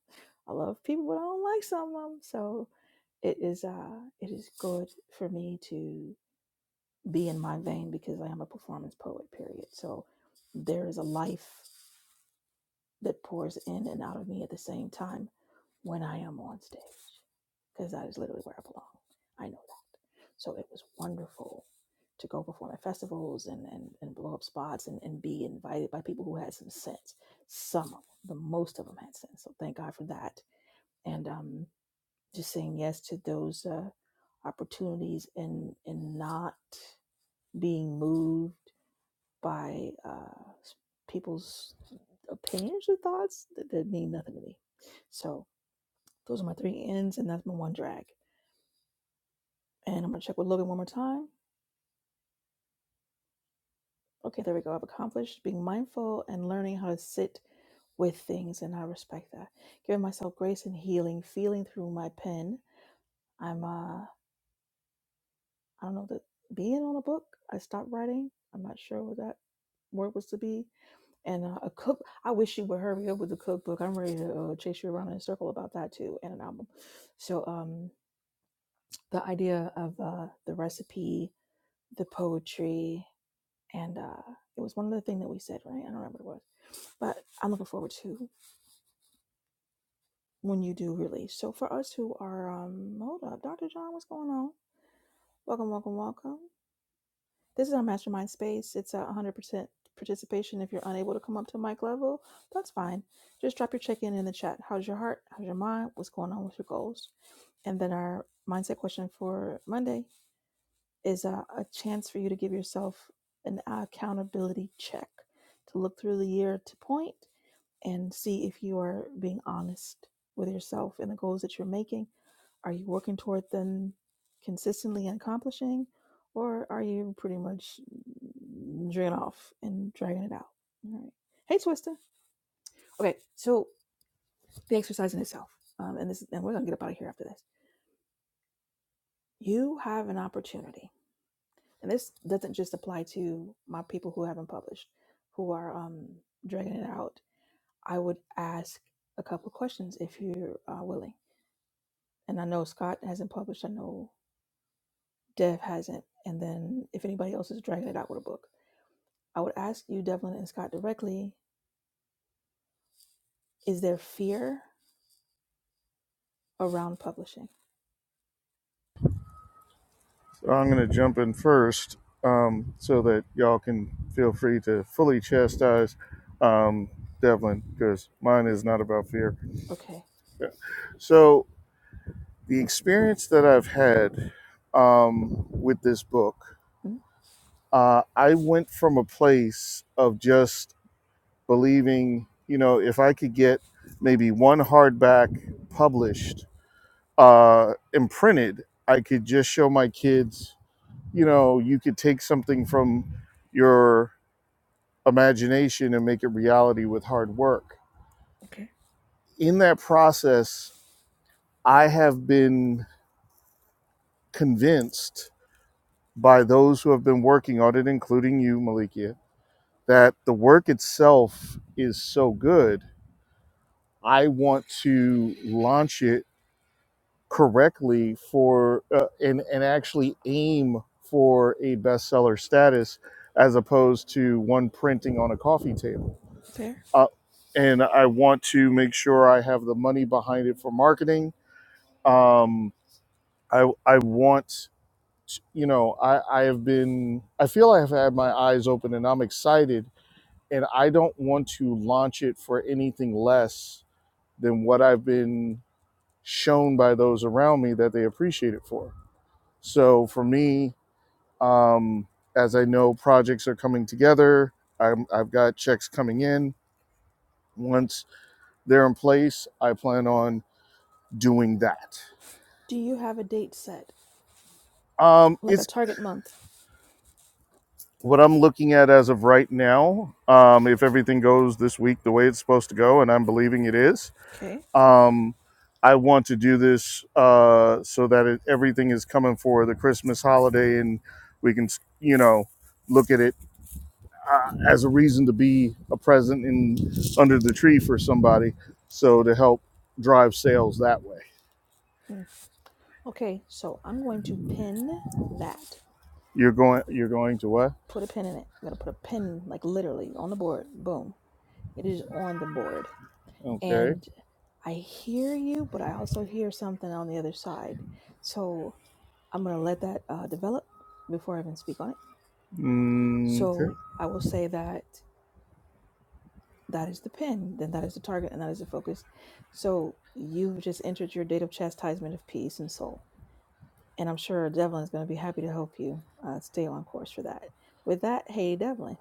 S1: I love people, but I don't like some of them. So it is uh, it is good for me to be in my vein because I am a performance poet. Period. So there is a life that pours in and out of me at the same time when I am on stage because that is literally where I belong. I know that. So it was wonderful to go perform at festivals and, and, and blow up spots and, and be invited by people who had some sense. Some of them, but most of them had sense. So thank God for that. And um, just saying yes to those uh, opportunities and, and not being moved by uh, people's opinions or thoughts that, that mean nothing to me. So those are my three ends, and that's my one drag. And I'm gonna check with Logan one more time. Okay, there we go. I've accomplished being mindful and learning how to sit with things, and I respect that. Giving myself grace and healing, feeling through my pen. I'm uh, I don't know the being on a book. I stopped writing. I'm not sure what that word was to be. And uh, a cook. I wish you would hurry up with the cookbook. I'm ready to uh, chase you around in a circle about that too, and an album. So um, the idea of uh, the recipe, the poetry. and uh, it was one other thing that we said, right? I don't remember what it was, but I'm looking forward to when you do release. So for us who are, um, hold up, Dr. John, what's going on? Welcome, welcome, welcome. This is our mastermind space. It's a 100% participation. If you're unable to come up to mic level, that's fine. Just drop your check in in the chat. How's your heart? How's your mind? What's going on with your goals? And then our mindset question for Monday is uh, a chance for you to give yourself an accountability check to look through the year to point and see if you are being honest with yourself and the goals that you're making. Are you working toward them consistently and accomplishing, or are you pretty much dragging off and dragging it out? All right. Hey, Twister. Okay, so the exercise in itself, um, and this, and we're gonna get up out of here after this. You have an opportunity, and this doesn't just apply to my people who haven't published, who are um, dragging it out. I would ask a couple of questions if you're uh, willing and I know Scott hasn't published. I know Dev hasn't. And then if anybody else is dragging it out with a book, I would ask you, Devlin and Scott, directly: Is there fear around publishing?
S2: I'm going to jump in first um, so that y'all can feel free to fully chastise um, Devlin because mine is not about fear.
S1: Okay.
S2: So, the experience that I've had um, with this book,
S1: Mm,
S2: uh, I went from a place of just believing, you know, if I could get maybe one hardback published uh, and printed, I could just show my kids, you know, you could take something from your imagination and make it reality with hard work.
S1: okay.
S2: In that process, I have been convinced by those who have been working on it, including you, Malikia, that the work itself is so good. I want to launch it correctly for uh, and and actually aim for a bestseller status as opposed to one printing on a coffee table.
S1: Fair.
S2: Uh, and I want to make sure I have the money behind it for marketing um i i want to- you know i i have been i feel i have had my eyes open and i'm excited and i don't want to launch it for anything less than what i've been shown by those around me that they appreciate it for so for me um as i know projects are coming together I'm, i've got checks coming in once they're i plan on doing that
S1: Do you have a date set,
S2: um
S1: like
S2: it's
S1: a target month?
S2: what I'm looking at as of right now, um, if everything goes this week the way it's supposed to go, and I'm believing it is,
S1: Okay.
S2: um, I want to do this uh, so that it, everything is coming for the Christmas holiday and we can, you know, look at it uh, as a reason to be a present in under the tree for somebody. So to help drive sales that way,
S1: Mm. Okay. So I'm going to pin that.
S2: you're going, you're going to what?
S1: Put a pin in it. I'm gonna put a pin, like literally, on the board. Boom. It is on the board.
S2: Okay.
S1: And I hear you, but I also hear something on the other side. So I'm going to let that uh, develop before I even speak on it.
S2: Mm, okay.
S1: So I will say that that is the pin, then that is the target, and that is the focus. So you've just entered your date of chastisement of peace and soul. And I'm sure Devlin is going to be happy to help you uh, stay on course for that. With that, hey, Devlin,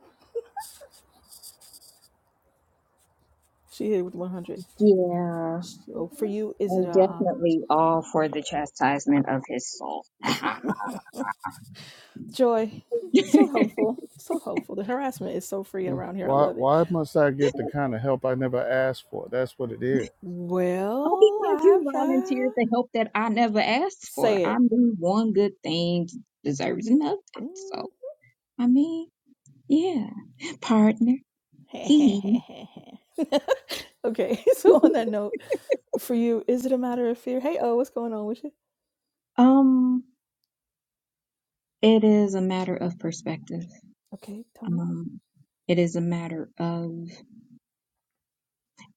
S1: she hit it with 100.
S4: Yeah,
S1: So for you, is it
S4: I'm
S1: a um,
S4: definitely all for the chastisement of his soul.
S1: joy? So helpful. So helpful. The harassment is so free around here. I
S2: Why?
S1: love it.
S2: Why? Yeah.
S4: All
S1: Well,
S4: because you
S1: I've uh,
S4: volunteered to help that I never asked for.
S1: say
S4: I
S1: it.
S4: knew one good thing deserves another.
S1: Mm,
S4: So, I mean, yeah, partner. He,
S1: okay, so on that note, for you, is it a matter of fear? Hey, oh, what's going on with you?
S4: um, it is a matter of perspective.
S1: Okay, tell me.
S4: Um, it is a matter of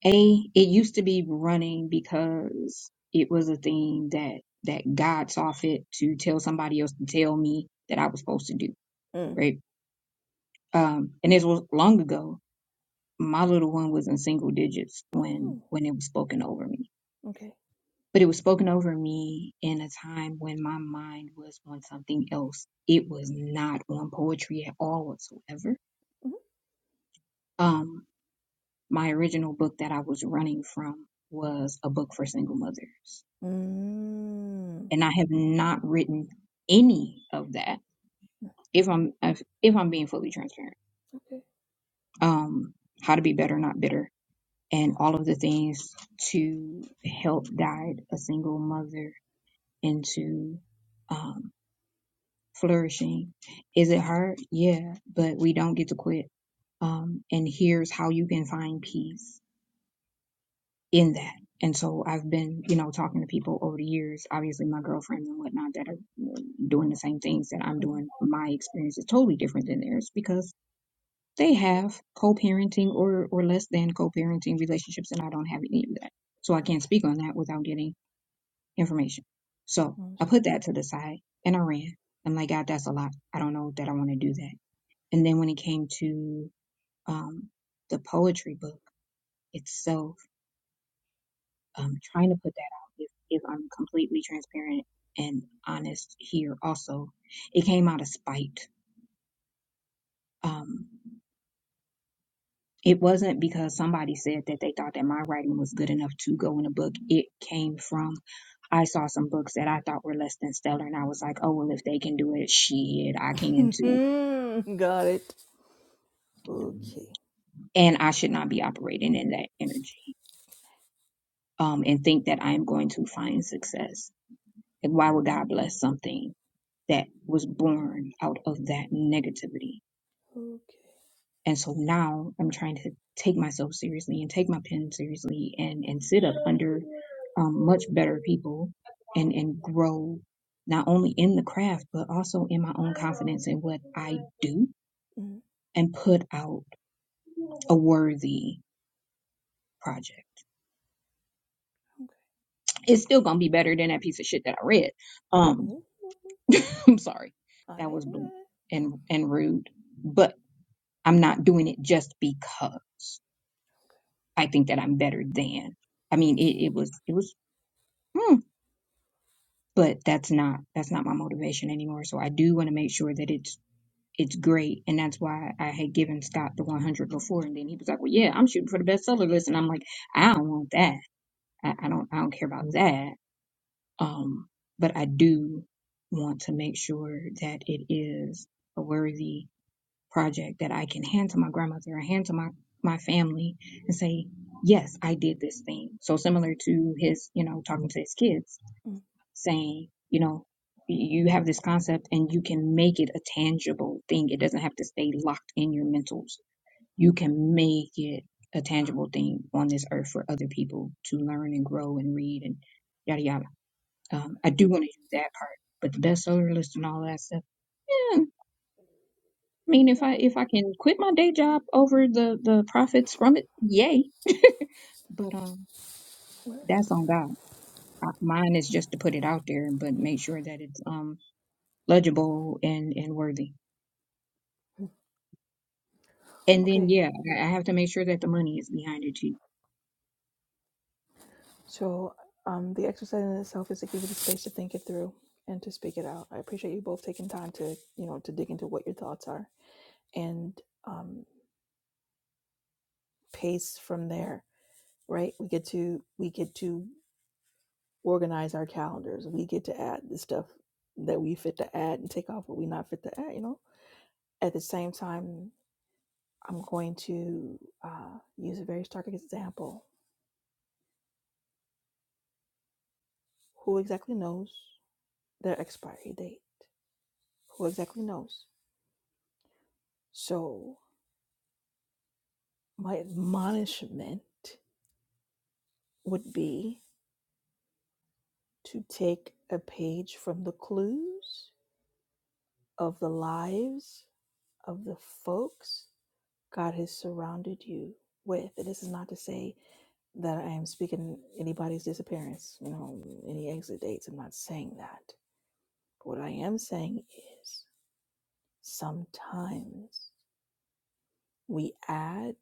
S4: a. It used to be running because it was a thing that that God saw fit to tell somebody else to tell me that I was supposed to do,
S1: Mm.
S4: right? Um, and this was long ago. My little one was in single digits when
S1: Oh,
S4: when it was spoken over me,
S1: okay.
S4: but it was spoken over me in a time when my mind was on something else. It was not on poetry at all whatsoever.
S1: Mm-hmm.
S4: Um, my original book that I was running from was a book for single mothers,
S1: Mm.
S4: and I have not written any of that.
S1: Mm,
S4: If I'm if, if I'm being fully transparent,
S1: Okay.
S4: um, how to be better, not bitter, and all of the things to help guide a single mother into um, flourishing. Is it hard? Yeah, but we don't get to quit. Um, and here's how you can find peace in that. And so I've been, you know, talking to people over the years, obviously my girlfriends and whatnot that are doing the same things that I'm
S1: hmm
S4: doing. My experience is totally different than theirs because they have co-parenting or, or less than co-parenting relationships and I don't have any of that. So I can't
S1: Okay.
S4: speak on that without getting information. So I
S1: Understood.
S4: put that to the side and I ran. I'm like, God, that's a lot. I don't know that I want to do that. And then when it came to, um, the poetry book itself, um, trying to put that out if, if I'm completely transparent and honest here also. It came out of spite. Um, it wasn't because somebody said that they thought that my writing was good enough to go in a book. It came from I saw some books that I thought were less than stellar, and I was like, oh, well, if they can do it, shit, I can too.
S1: Got it. Okay.
S4: And I should not be operating in that energy um, and think that I am going to find success. Like, why would God bless something that was born out of that negativity?
S1: Okay.
S4: And so now I'm trying to take myself seriously and take my pen seriously and, and sit up under um, much better people and, and grow not only in the craft, but also in my own confidence in what I do
S1: Mm.
S4: and put out a worthy project.
S1: Okay.
S4: It's still going to be better than that piece of shit that I read. Um,
S1: Oh,
S4: I'm sorry.
S1: I.
S4: That was blunt and, and rude, but I'm not doing it just because I think that I'm better than. I mean, it, it was, it was. hmm, but that's not that's not my motivation anymore so i do want to make sure that it's it's great and that's why i had given scott the 100 before and then he was like well yeah i'm shooting for the bestseller list and i'm like i don't want that i, I don't i don't care about that um but i do want to make sure that it is a worthy project that i can hand to my grandmother or hand to my my family and say yes i did this thing so similar to his you know talking to his kids
S1: Mm. Mm.
S4: saying, you know, you have this concept and you can make it a tangible thing. It doesn't have to stay locked in your mentals.
S1: mm.
S4: You can make it a tangible thing on this earth for other people to learn and grow and read and yada yada. Um, I do want to do that part, but the best seller list and all that stuff. Yeah, I mean, if
S1: Here
S4: I
S1: we go.
S4: if I can quit my day job over the the profits from it, yay. But um, that's on God. I- Mine is just to put it out there, but make sure that it's um legible and and worthy. And
S1: Okay.
S4: then, yeah, I I have to make sure that the money is behind it too.
S1: So um, the exercise in itself is to give you the space to think it through and to speak it out. I appreciate you both taking time to you know to dig into what your thoughts are and um, pace from there. Right? We get to we get to organize our calendars. We get to add the stuff that we fit to add and take off what we not fit to add. You know. At the same time, I'm going to uh, use a very stark example. Who exactly knows their expiry date? Who exactly knows? So my admonishment would be to take a page from the clues of the lives of the folks God has surrounded you with. And this is not to say that I am speaking anybody's disappearance, you know, any exit dates. I'm not saying that. But what I am saying is sometimes we add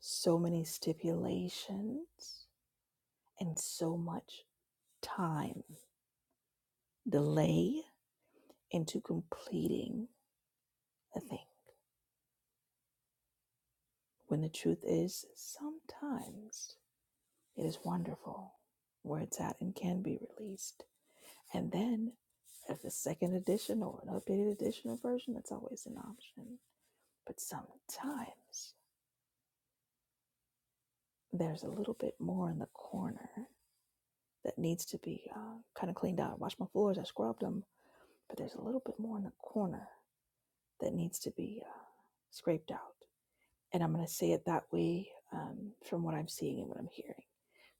S1: so many stipulations and so much time delay into completing a thing. When the truth is, sometimes it is wonderful where it's at and can be released. And then, if the second edition or an updated edition or version, that's always an option. But sometimes there's a little bit more in the corner that needs to be uh, kind of cleaned out. I washed my floors, I scrubbed them, but there's a little bit more in the corner that needs to be uh, scraped out. And I'm going to say it that way um, from what I'm seeing and what I'm hearing.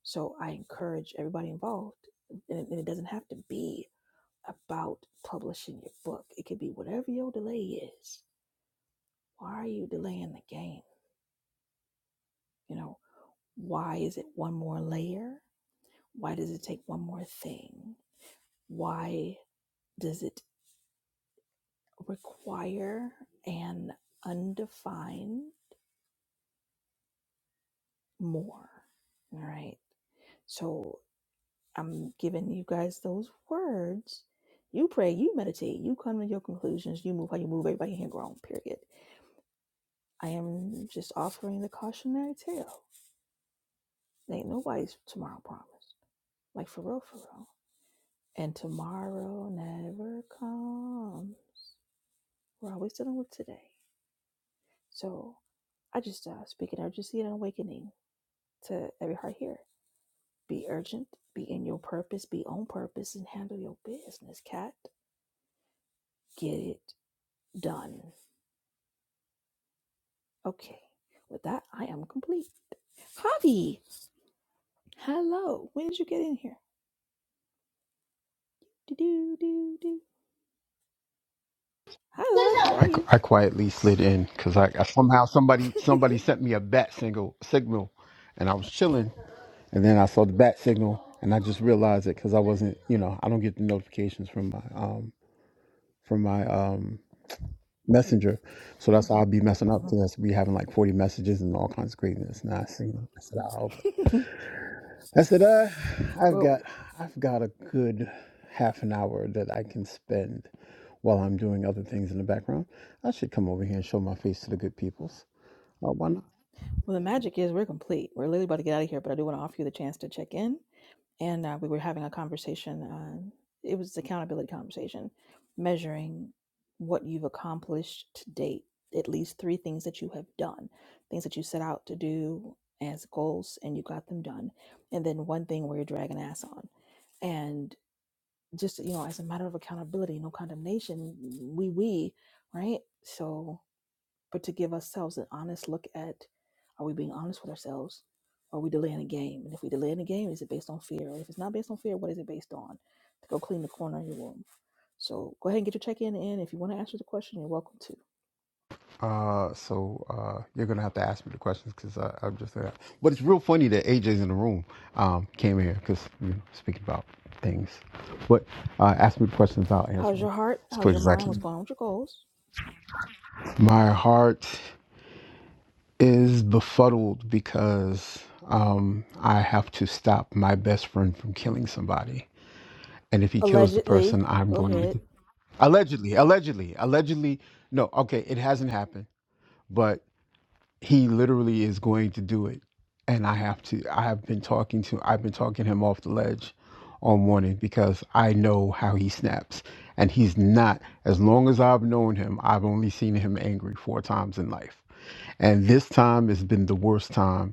S1: So I encourage everybody involved, and it and it doesn't have to be about publishing your book. It could be whatever your delay is. Why are you delaying the game? You know, why is it one more layer? Why does it take one more thing? Why does it require an undefined more? All right. So I'm giving you guys those words. You pray, you meditate, you come to your conclusions, you move how you move, everybody here grown, period. I am just offering the cautionary tale. Ain't nobody's tomorrow promise. Like for real, for real. And tomorrow never comes. We're always dealing with today. So I just uh, speak in urgency and awakening to every heart here. Be urgent, be in your purpose, be on purpose, and handle your business, cat. Get it done. Okay. With that, I am complete. Javi, hello. When did you get in here? Do do do do. Hi, love. How are
S7: I,
S1: you?
S7: I quietly slid in because I, I somehow somebody somebody sent me a bat single signal, and I was chilling, and then I saw the bat signal, and I just realized it because I wasn't you know I don't get the notifications from my um from my um messenger, so that's how I'd be messing up
S1: well,
S7: because we having like forty messages and all kinds of craziness, and I seen it. I said, oh, okay. I said, uh, I've
S1: well,
S7: got I've got a good half an hour that I can spend while I'm doing other things in the background. I should come over here and show my face to the good peoples. Uh, why not?
S1: well, the magic is we're complete. We're literally about to get out of here, but I do want to offer you the chance to check in. and uh, we were having a conversation on it was accountability conversation measuring what you've accomplished to date at least three things that you have done things that you set out to do as goals and you got them done and then one thing where you're dragging ass on and just you know as a matter of accountability no condemnation we we right so but to give ourselves an honest look at are we being honest with ourselves? Are we delaying a game? And if we delay in a game, is it based on fear? And if it's not based on fear, what is it based on? To go clean the corner of your room. So go ahead and get your check in in. If you want to answer the question, you're welcome to.
S7: Uh, so uh, you're gonna have to ask me the questions because I'm just uh, But it's real funny that AJ's in the room. Um, came here because we know, speaking about things. But uh, ask me the questions, I'll answer
S1: How's
S7: them
S1: your heart?
S7: as
S1: How's
S7: quick
S1: your
S7: as I
S1: mind? What's
S7: can.
S1: going on with your goals?
S7: My heart. is befuddled because um, I have to stop my best friend from killing somebody. And if he kills the
S1: Allegedly.
S7: person, I'm
S1: Go
S7: going to
S1: ahead.
S7: be allegedly, allegedly, allegedly. No, okay, it hasn't happened, but he literally is going to do it and i have to i have been talking to i've been talking him off the ledge all morning because i know how he snaps and he's not as long as i've known him i've only seen him angry four times in life and this time has been the worst time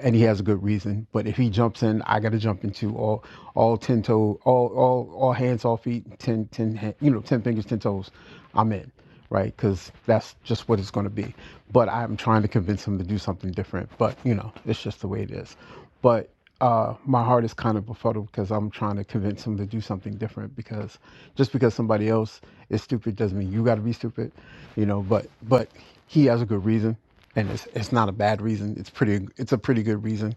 S7: and he has a good reason but if he jumps in i gotta jump into all all 10 toe all all all hands all feet 10 10 you know 10 fingers 10 toes i'm in right? Because that's just what it's going to be. But I'm trying to convince him to do something different. But you know, it's just the way it is. But uh, my heart is kind of befuddled because I'm trying to convince him to do something different. Because just because somebody else is stupid doesn't mean you got to be stupid, you know. But but he has a good reason, and it's it's not a bad reason. It's pretty. It's a pretty good reason,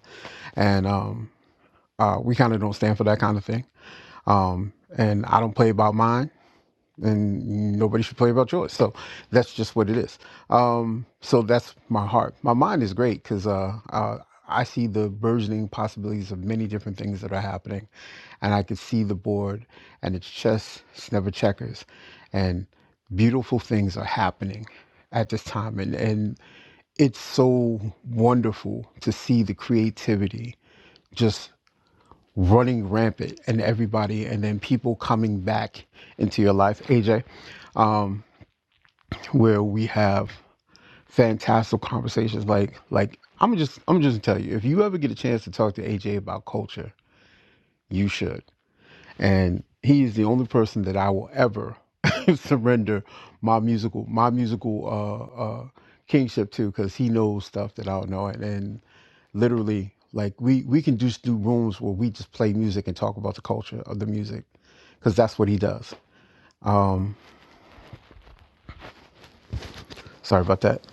S7: and um, uh, we kind of don't stand for that kind of thing. Um, and I don't play by mine and nobody should play about yours. So that's just what it is. Um, so that's my heart. My mind is great because uh, uh, I see the burgeoning possibilities of many different things that are happening, and I could see the board and it's chess, it's never checkers, and beautiful things are happening at this time, and and it's so wonderful to see the creativity just running rampant and everybody and then people coming back into your life aj um, where we have fantastic conversations like like i'm just i'm just gonna tell you if you ever get a chance to talk to aj about culture you should and he is the only person that I will ever surrender my musical my musical uh, uh, kingship to because he knows stuff that I don't know, and, and literally like we we can just do rooms where we just play music and talk about the culture of the music because that's what he does. Sorry about that.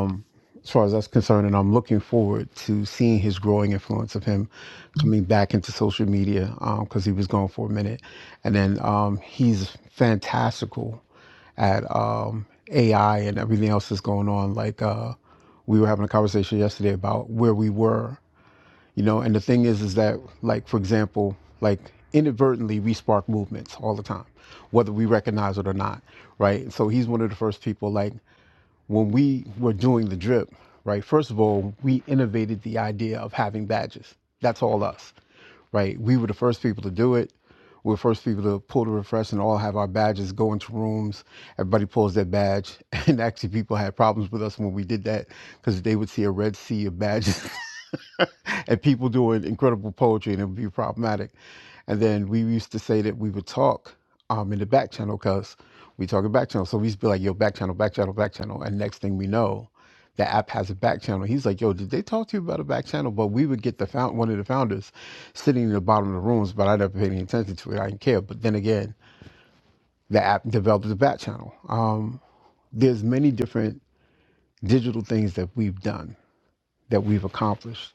S7: Um, as far as that's concerned, and I'm looking forward to seeing his growing influence of him coming back into social media because he was gone for a minute, and then um, he's fantastical at um, AI and everything else that's going on. Like uh, we were having a conversation yesterday about where we were, you know. And the thing is, is that like for example, like inadvertently we spark movements all the time, whether we recognize it or not, right? So he's one of the first people. Like when we were doing the drip, right? First of all, we innovated the idea of having badges. That's all us, right? We were the first people to do it. We were the first people to pull the refresh and all have our badges, go into rooms. Everybody pulls their badge. And actually, people had problems with us when we did that because they would see a red sea of badges and people doing incredible poetry, and it would be problematic. And then we used to say that we would talk um, in the back channel because we talk in back channel. So we used to be like, yo, back channel, back channel, back channel. And next thing we know, the app has a back channel. He's like, yo, did they talk to you about a back channel? But we would get the found, one of the founders sitting in the bottom of the rooms, but I never paid any attention to it. I didn't care. But then again, the app developed a back channel. Um, there's many different digital things that we've done that we've accomplished,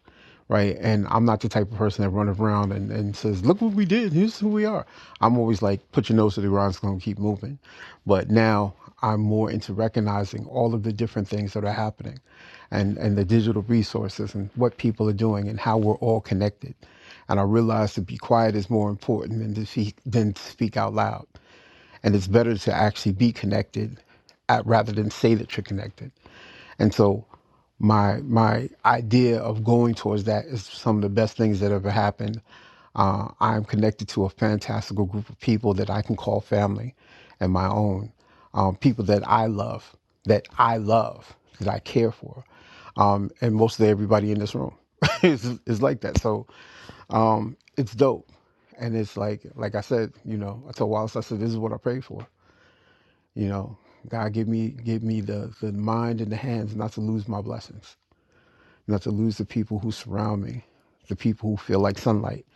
S7: right? And I'm not the type of person that runs around and, and says, look what we did, here's who we are. I'm always like, put your nose to the grindstone, keep moving. But now I'm more into recognizing all of the different things that are happening and, and the digital resources and what people are doing and how we're all connected. And I realize to be quiet is more important than to speak, than to speak out loud. And it's better to actually be connected at, rather than say that you're connected. And so my my idea of going towards that is some of the best things that ever happened. Uh, I'm connected to a fantastical group of people that I can call family and my own, um, people that I love, that I love, that I care for. Um, and mostly everybody in this room is, is like that. So it's dope. And it's like, like I said, you know, I told Wallace, I said, this is what I pray for. You know, God, give me, give me the, the mind and the hands not to lose my blessings not to lose the people who surround me, the people who feel like sunlight.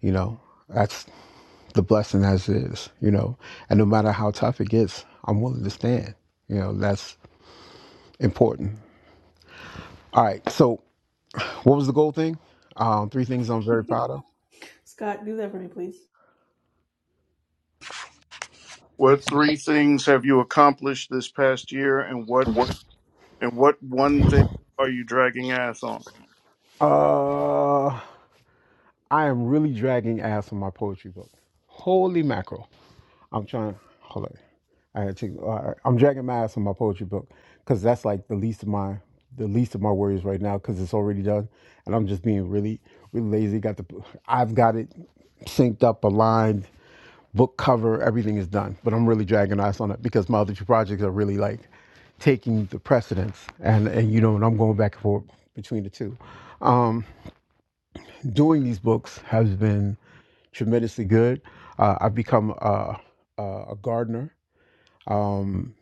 S7: You know, that's the blessing as is, you know. And no matter how tough it gets, I'm willing to stand. You know, that's important. All right. So, what was the goal thing? Um, three things I'm very proud
S1: Scott, do that for me, please.
S2: What three things have you accomplished this past year, and what and what one thing are you dragging ass on?
S7: of. Uh, I am really dragging ass on my poetry book. Holy mackerel. I'm trying. to, Hold on. I gotta take. All right. I'm dragging my ass on my poetry book because that's like the least of my the least of my worries right now because it's already done, and I'm just being really really lazy. Got the I've got it synced up, aligned, book cover, everything is done. But I'm really dragging ass on it because my other two projects are really like taking the precedence, and and you know, and I'm going back and forth between the two. Um, doing these books has been tremendously good. Uh, I've become a, a, a gardener. Um,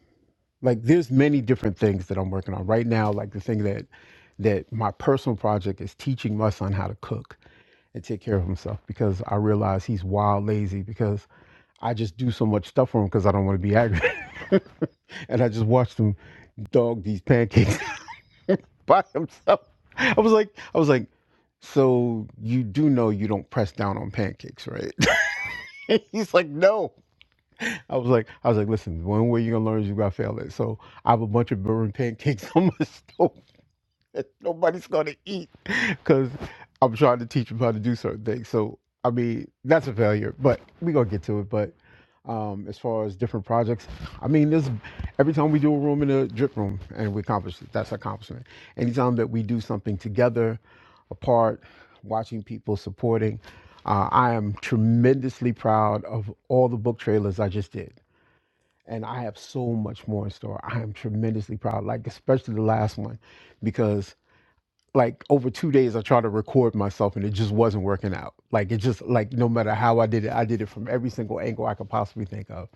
S7: like there's many different things that I'm working on right now. Like the thing that that my personal project is teaching my son how to cook and take care of himself because I realize he's wild lazy because I just do so much stuff for him because I don't want to be aggravated. and I just watched him dog these pancakes by himself. I was like, I was like, so you do know you don't press down on pancakes, right? He's like, no. I was like, I was like, listen, one way you're gonna learn is you gotta fail it. So I have a bunch of burning pancakes on my stove that nobody's gonna eat because I'm trying to teach them how to do certain things. So I mean, that's a failure, but we gonna get to it. But um, as far as different projects, I mean, this every time we do a room in a drip room and we accomplish it, that's accomplishment. Anytime that we do something together, apart, watching people supporting, uh, I am tremendously proud of all the book trailers I just did and I have so much more in store. I am tremendously proud, like especially the last one, because like over two days I tried to record myself and it just wasn't working out. Like it just like no matter how I did it, I did it from every single angle I could possibly think of,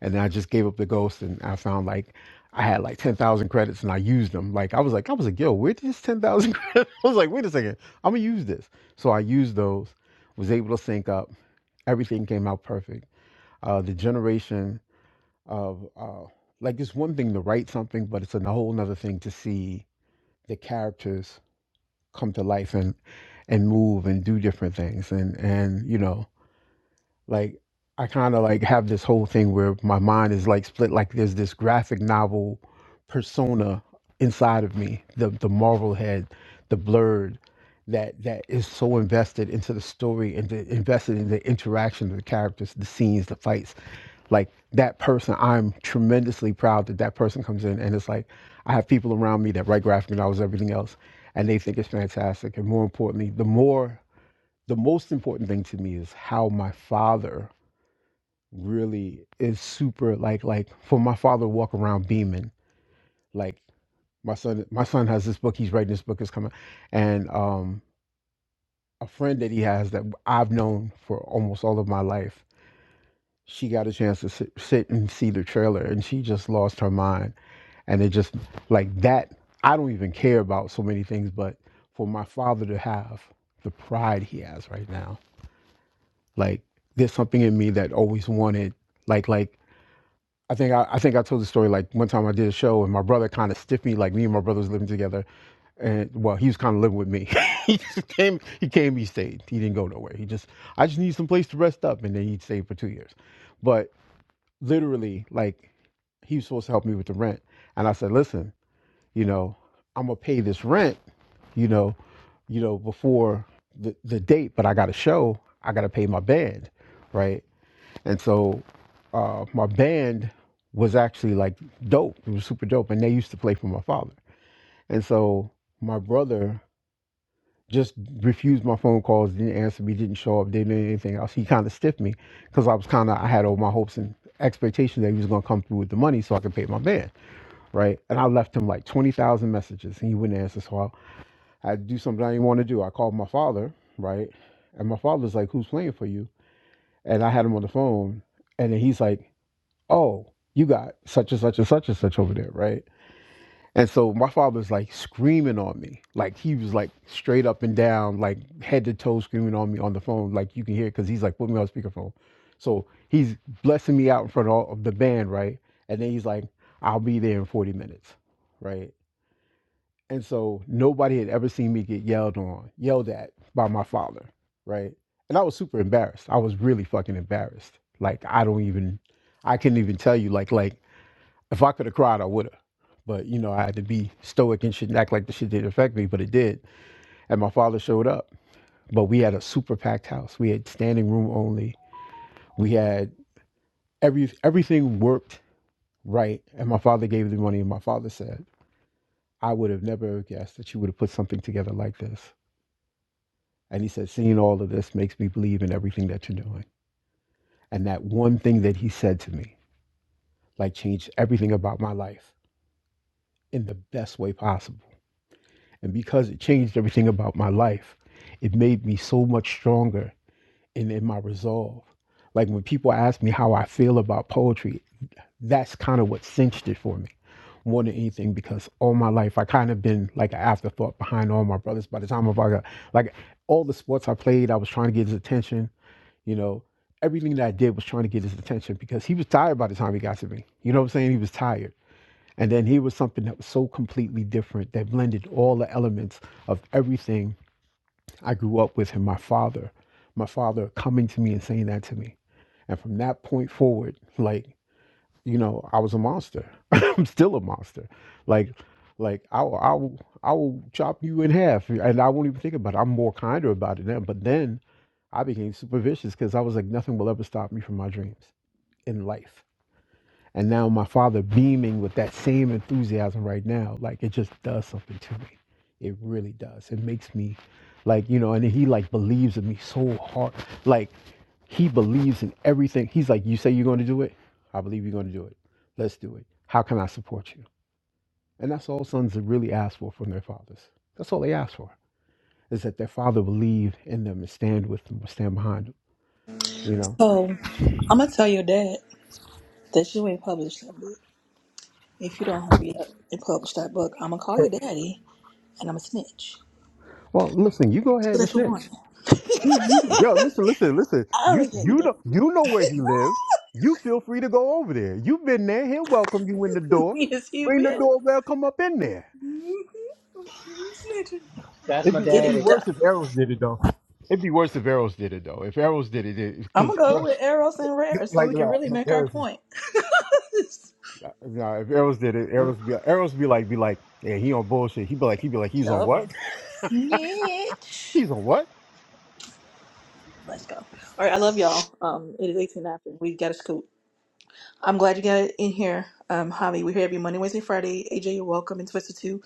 S7: and then I just gave up the ghost and I found like. I had like ten thousand credits and I used them. Like I was like, I was like, yo, where did this ten thousand credits? I was like, wait a second, I'm gonna use this. So I used those, was able to sync up. Everything came out perfect. Uh, the generation of uh, like it's one thing to write something, but it's a whole other thing to see the characters come to life and and move and do different things and and you know like I kind of like have this whole thing where my mind is like split like there's this graphic novel persona inside of me the the Marvel head the blurred that that is so invested into the story and the, invested in the interaction of the characters the scenes the fights like that person i'm tremendously proud that that person comes in and it's like i have people around me that write graphic novels everything else and they think it's fantastic and more importantly the more the most important thing to me is how my father really is super like like for my father to walk around beaming like my son my son has this book he's writing this book is coming and um a friend that he has that i've known for almost all of my life she got a chance to sit, sit and see the trailer and she just lost her mind and it just like that i don't even care about so many things but for my father to have the pride he has right now like there's something in me that always wanted like like i think i, I think i told the story like one time i did a show and my brother kind of stiffed me like me and my brother was living together and well he was kind of living with me he just came he came he stayed he didn't go nowhere he just i just need some place to rest up and then he stayed for two years but literally like he was supposed to help me with the rent and i said listen you know, I'm gonna pay this rent, you know, you know, before the, the date, but I got a show, I gotta pay my band, right? And so uh, my band was actually like dope. It was super dope, and they used to play for my father. And so my brother just refused my phone calls, didn't answer me, didn't show up, didn't do anything else. He kind of stiffed me because I was kind of I had all my hopes and expectations that he was gonna come through with the money so I could pay my band, right? And I left him like twenty thousand messages, and he wouldn't answer. So I I do something I didn't want to do. I called my father, right? And my father's like, Who's playing for you? And I had him on the phone. And then he's like, Oh, you got such and such and such and such over there, right? And so my father's like screaming on me. Like he was like straight up and down, like head to toe screaming on me on the phone. Like you can hear it because he's like put me on speakerphone. So he's blessing me out in front of all of the band, right? And then he's like, I'll be there in 40 minutes, right? And so nobody had ever seen me get yelled on, yelled at by my father, right? And I was super embarrassed. I was really fucking embarrassed. Like I don't even I couldn't even tell you like like if I could have cried I would have. But you know, I had to be stoic and shit and act like the shit didn't affect me, but it did. And my father showed up. But we had a super packed house. We had standing room only. We had every everything worked right. And my father gave the money and my father said, I would have never guessed that you would have put something together like this And he said, Seeing all of this makes me believe in everything that you're doing. And that one thing that he said to me, like, changed everything about my life in the best way possible. And because it changed everything about my life, it made me so much stronger in, in my resolve. Like, when people ask me how I feel about poetry, that's kind of what cinched it for me more than anything because all my life I kind of been like an afterthought behind all my brothers. By the time I got like all the sports I played, I was trying to get his attention You know, everything that I did was trying to get his attention because he was tired by the time he got to me. You know what I'm saying? He was tired. And then he was something that was so completely different that blended all the elements of everything I grew up with and my father, my father coming to me and saying that to me. And from that point forward, like, you know, I was a monster. I'm still a monster. Like, like I will, I will, I will chop you in half and I won't even think about it. I'm more kinder about it now. But then I became super vicious because I was like, nothing will ever stop me from my dreams in life. And now my father beaming with that same enthusiasm right now, like it just does something to me. It really does. It makes me like, you know, and he like believes in me so hard. Like he believes in everything. He's like, you say you're going to do it? I believe you're going to do it. Let's do it. How can I support you? And that's all sons really ask for from their fathers. That's all they ask for is that their father believe in them and stand with them, stand behind them, you know?
S1: So I'm gonna tell your dad that you ain't published that book. If you don't hurry up and publish that book, I'm gonna call your daddy and I'm a snitch.
S7: Well, listen, you go
S1: So
S7: ahead and
S1: that's your warning.
S7: snitch. Yo, listen, listen, listen.
S1: I'm gonna
S7: You
S1: tell
S7: you
S1: you
S7: know you know where he lives. You feel free to go over there. You've been there. He'll welcome you in the door.
S1: yes, he
S7: Ring the
S1: will.
S7: doorbell. Come up in there.
S1: Mm-hmm. Snitcher.
S3: That's
S7: It'd
S3: my
S7: be
S1: Get
S7: it'd be
S3: daddy.
S1: it done.
S7: worse if Arrows did it though. It'd be worse if Arrows did it though. If Arrows did it,
S1: I'm
S7: because
S1: gonna go
S7: like uh,
S1: with Eros and Rare so
S7: like,
S1: we can
S7: nah,
S1: really
S7: if
S1: make our
S7: Arrows,
S1: point.
S7: nah, if Arrows did it, Arrows be Arrows be like be like yeah he on bullshit. He be like he be like he's on
S1: yup.
S7: what?
S1: Snitch.
S7: He's on what?
S1: Let's go. All right, I love y'all. Um, it is 18 after. We got to scoot. I'm glad you got in here, um, Javi. We're here every Monday, Wednesday, Friday. AJ, you're welcome. And Twisted 2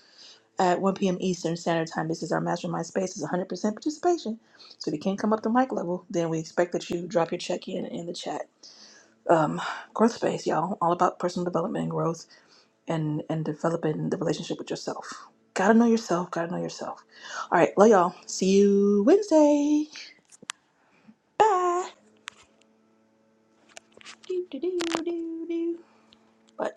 S1: at 1 p.m. Eastern Standard Time. This is our mastermind space. It's 100% participation. So if you can't come up to mic level, then we expect that you drop your check in in the chat. um, growth space, y'all. All about personal development and growth, and and developing the relationship with yourself. Gotta know yourself. Gotta know yourself. All right, love y'all. See you Wednesday. Bye. Do, do, do, do, do. Bye.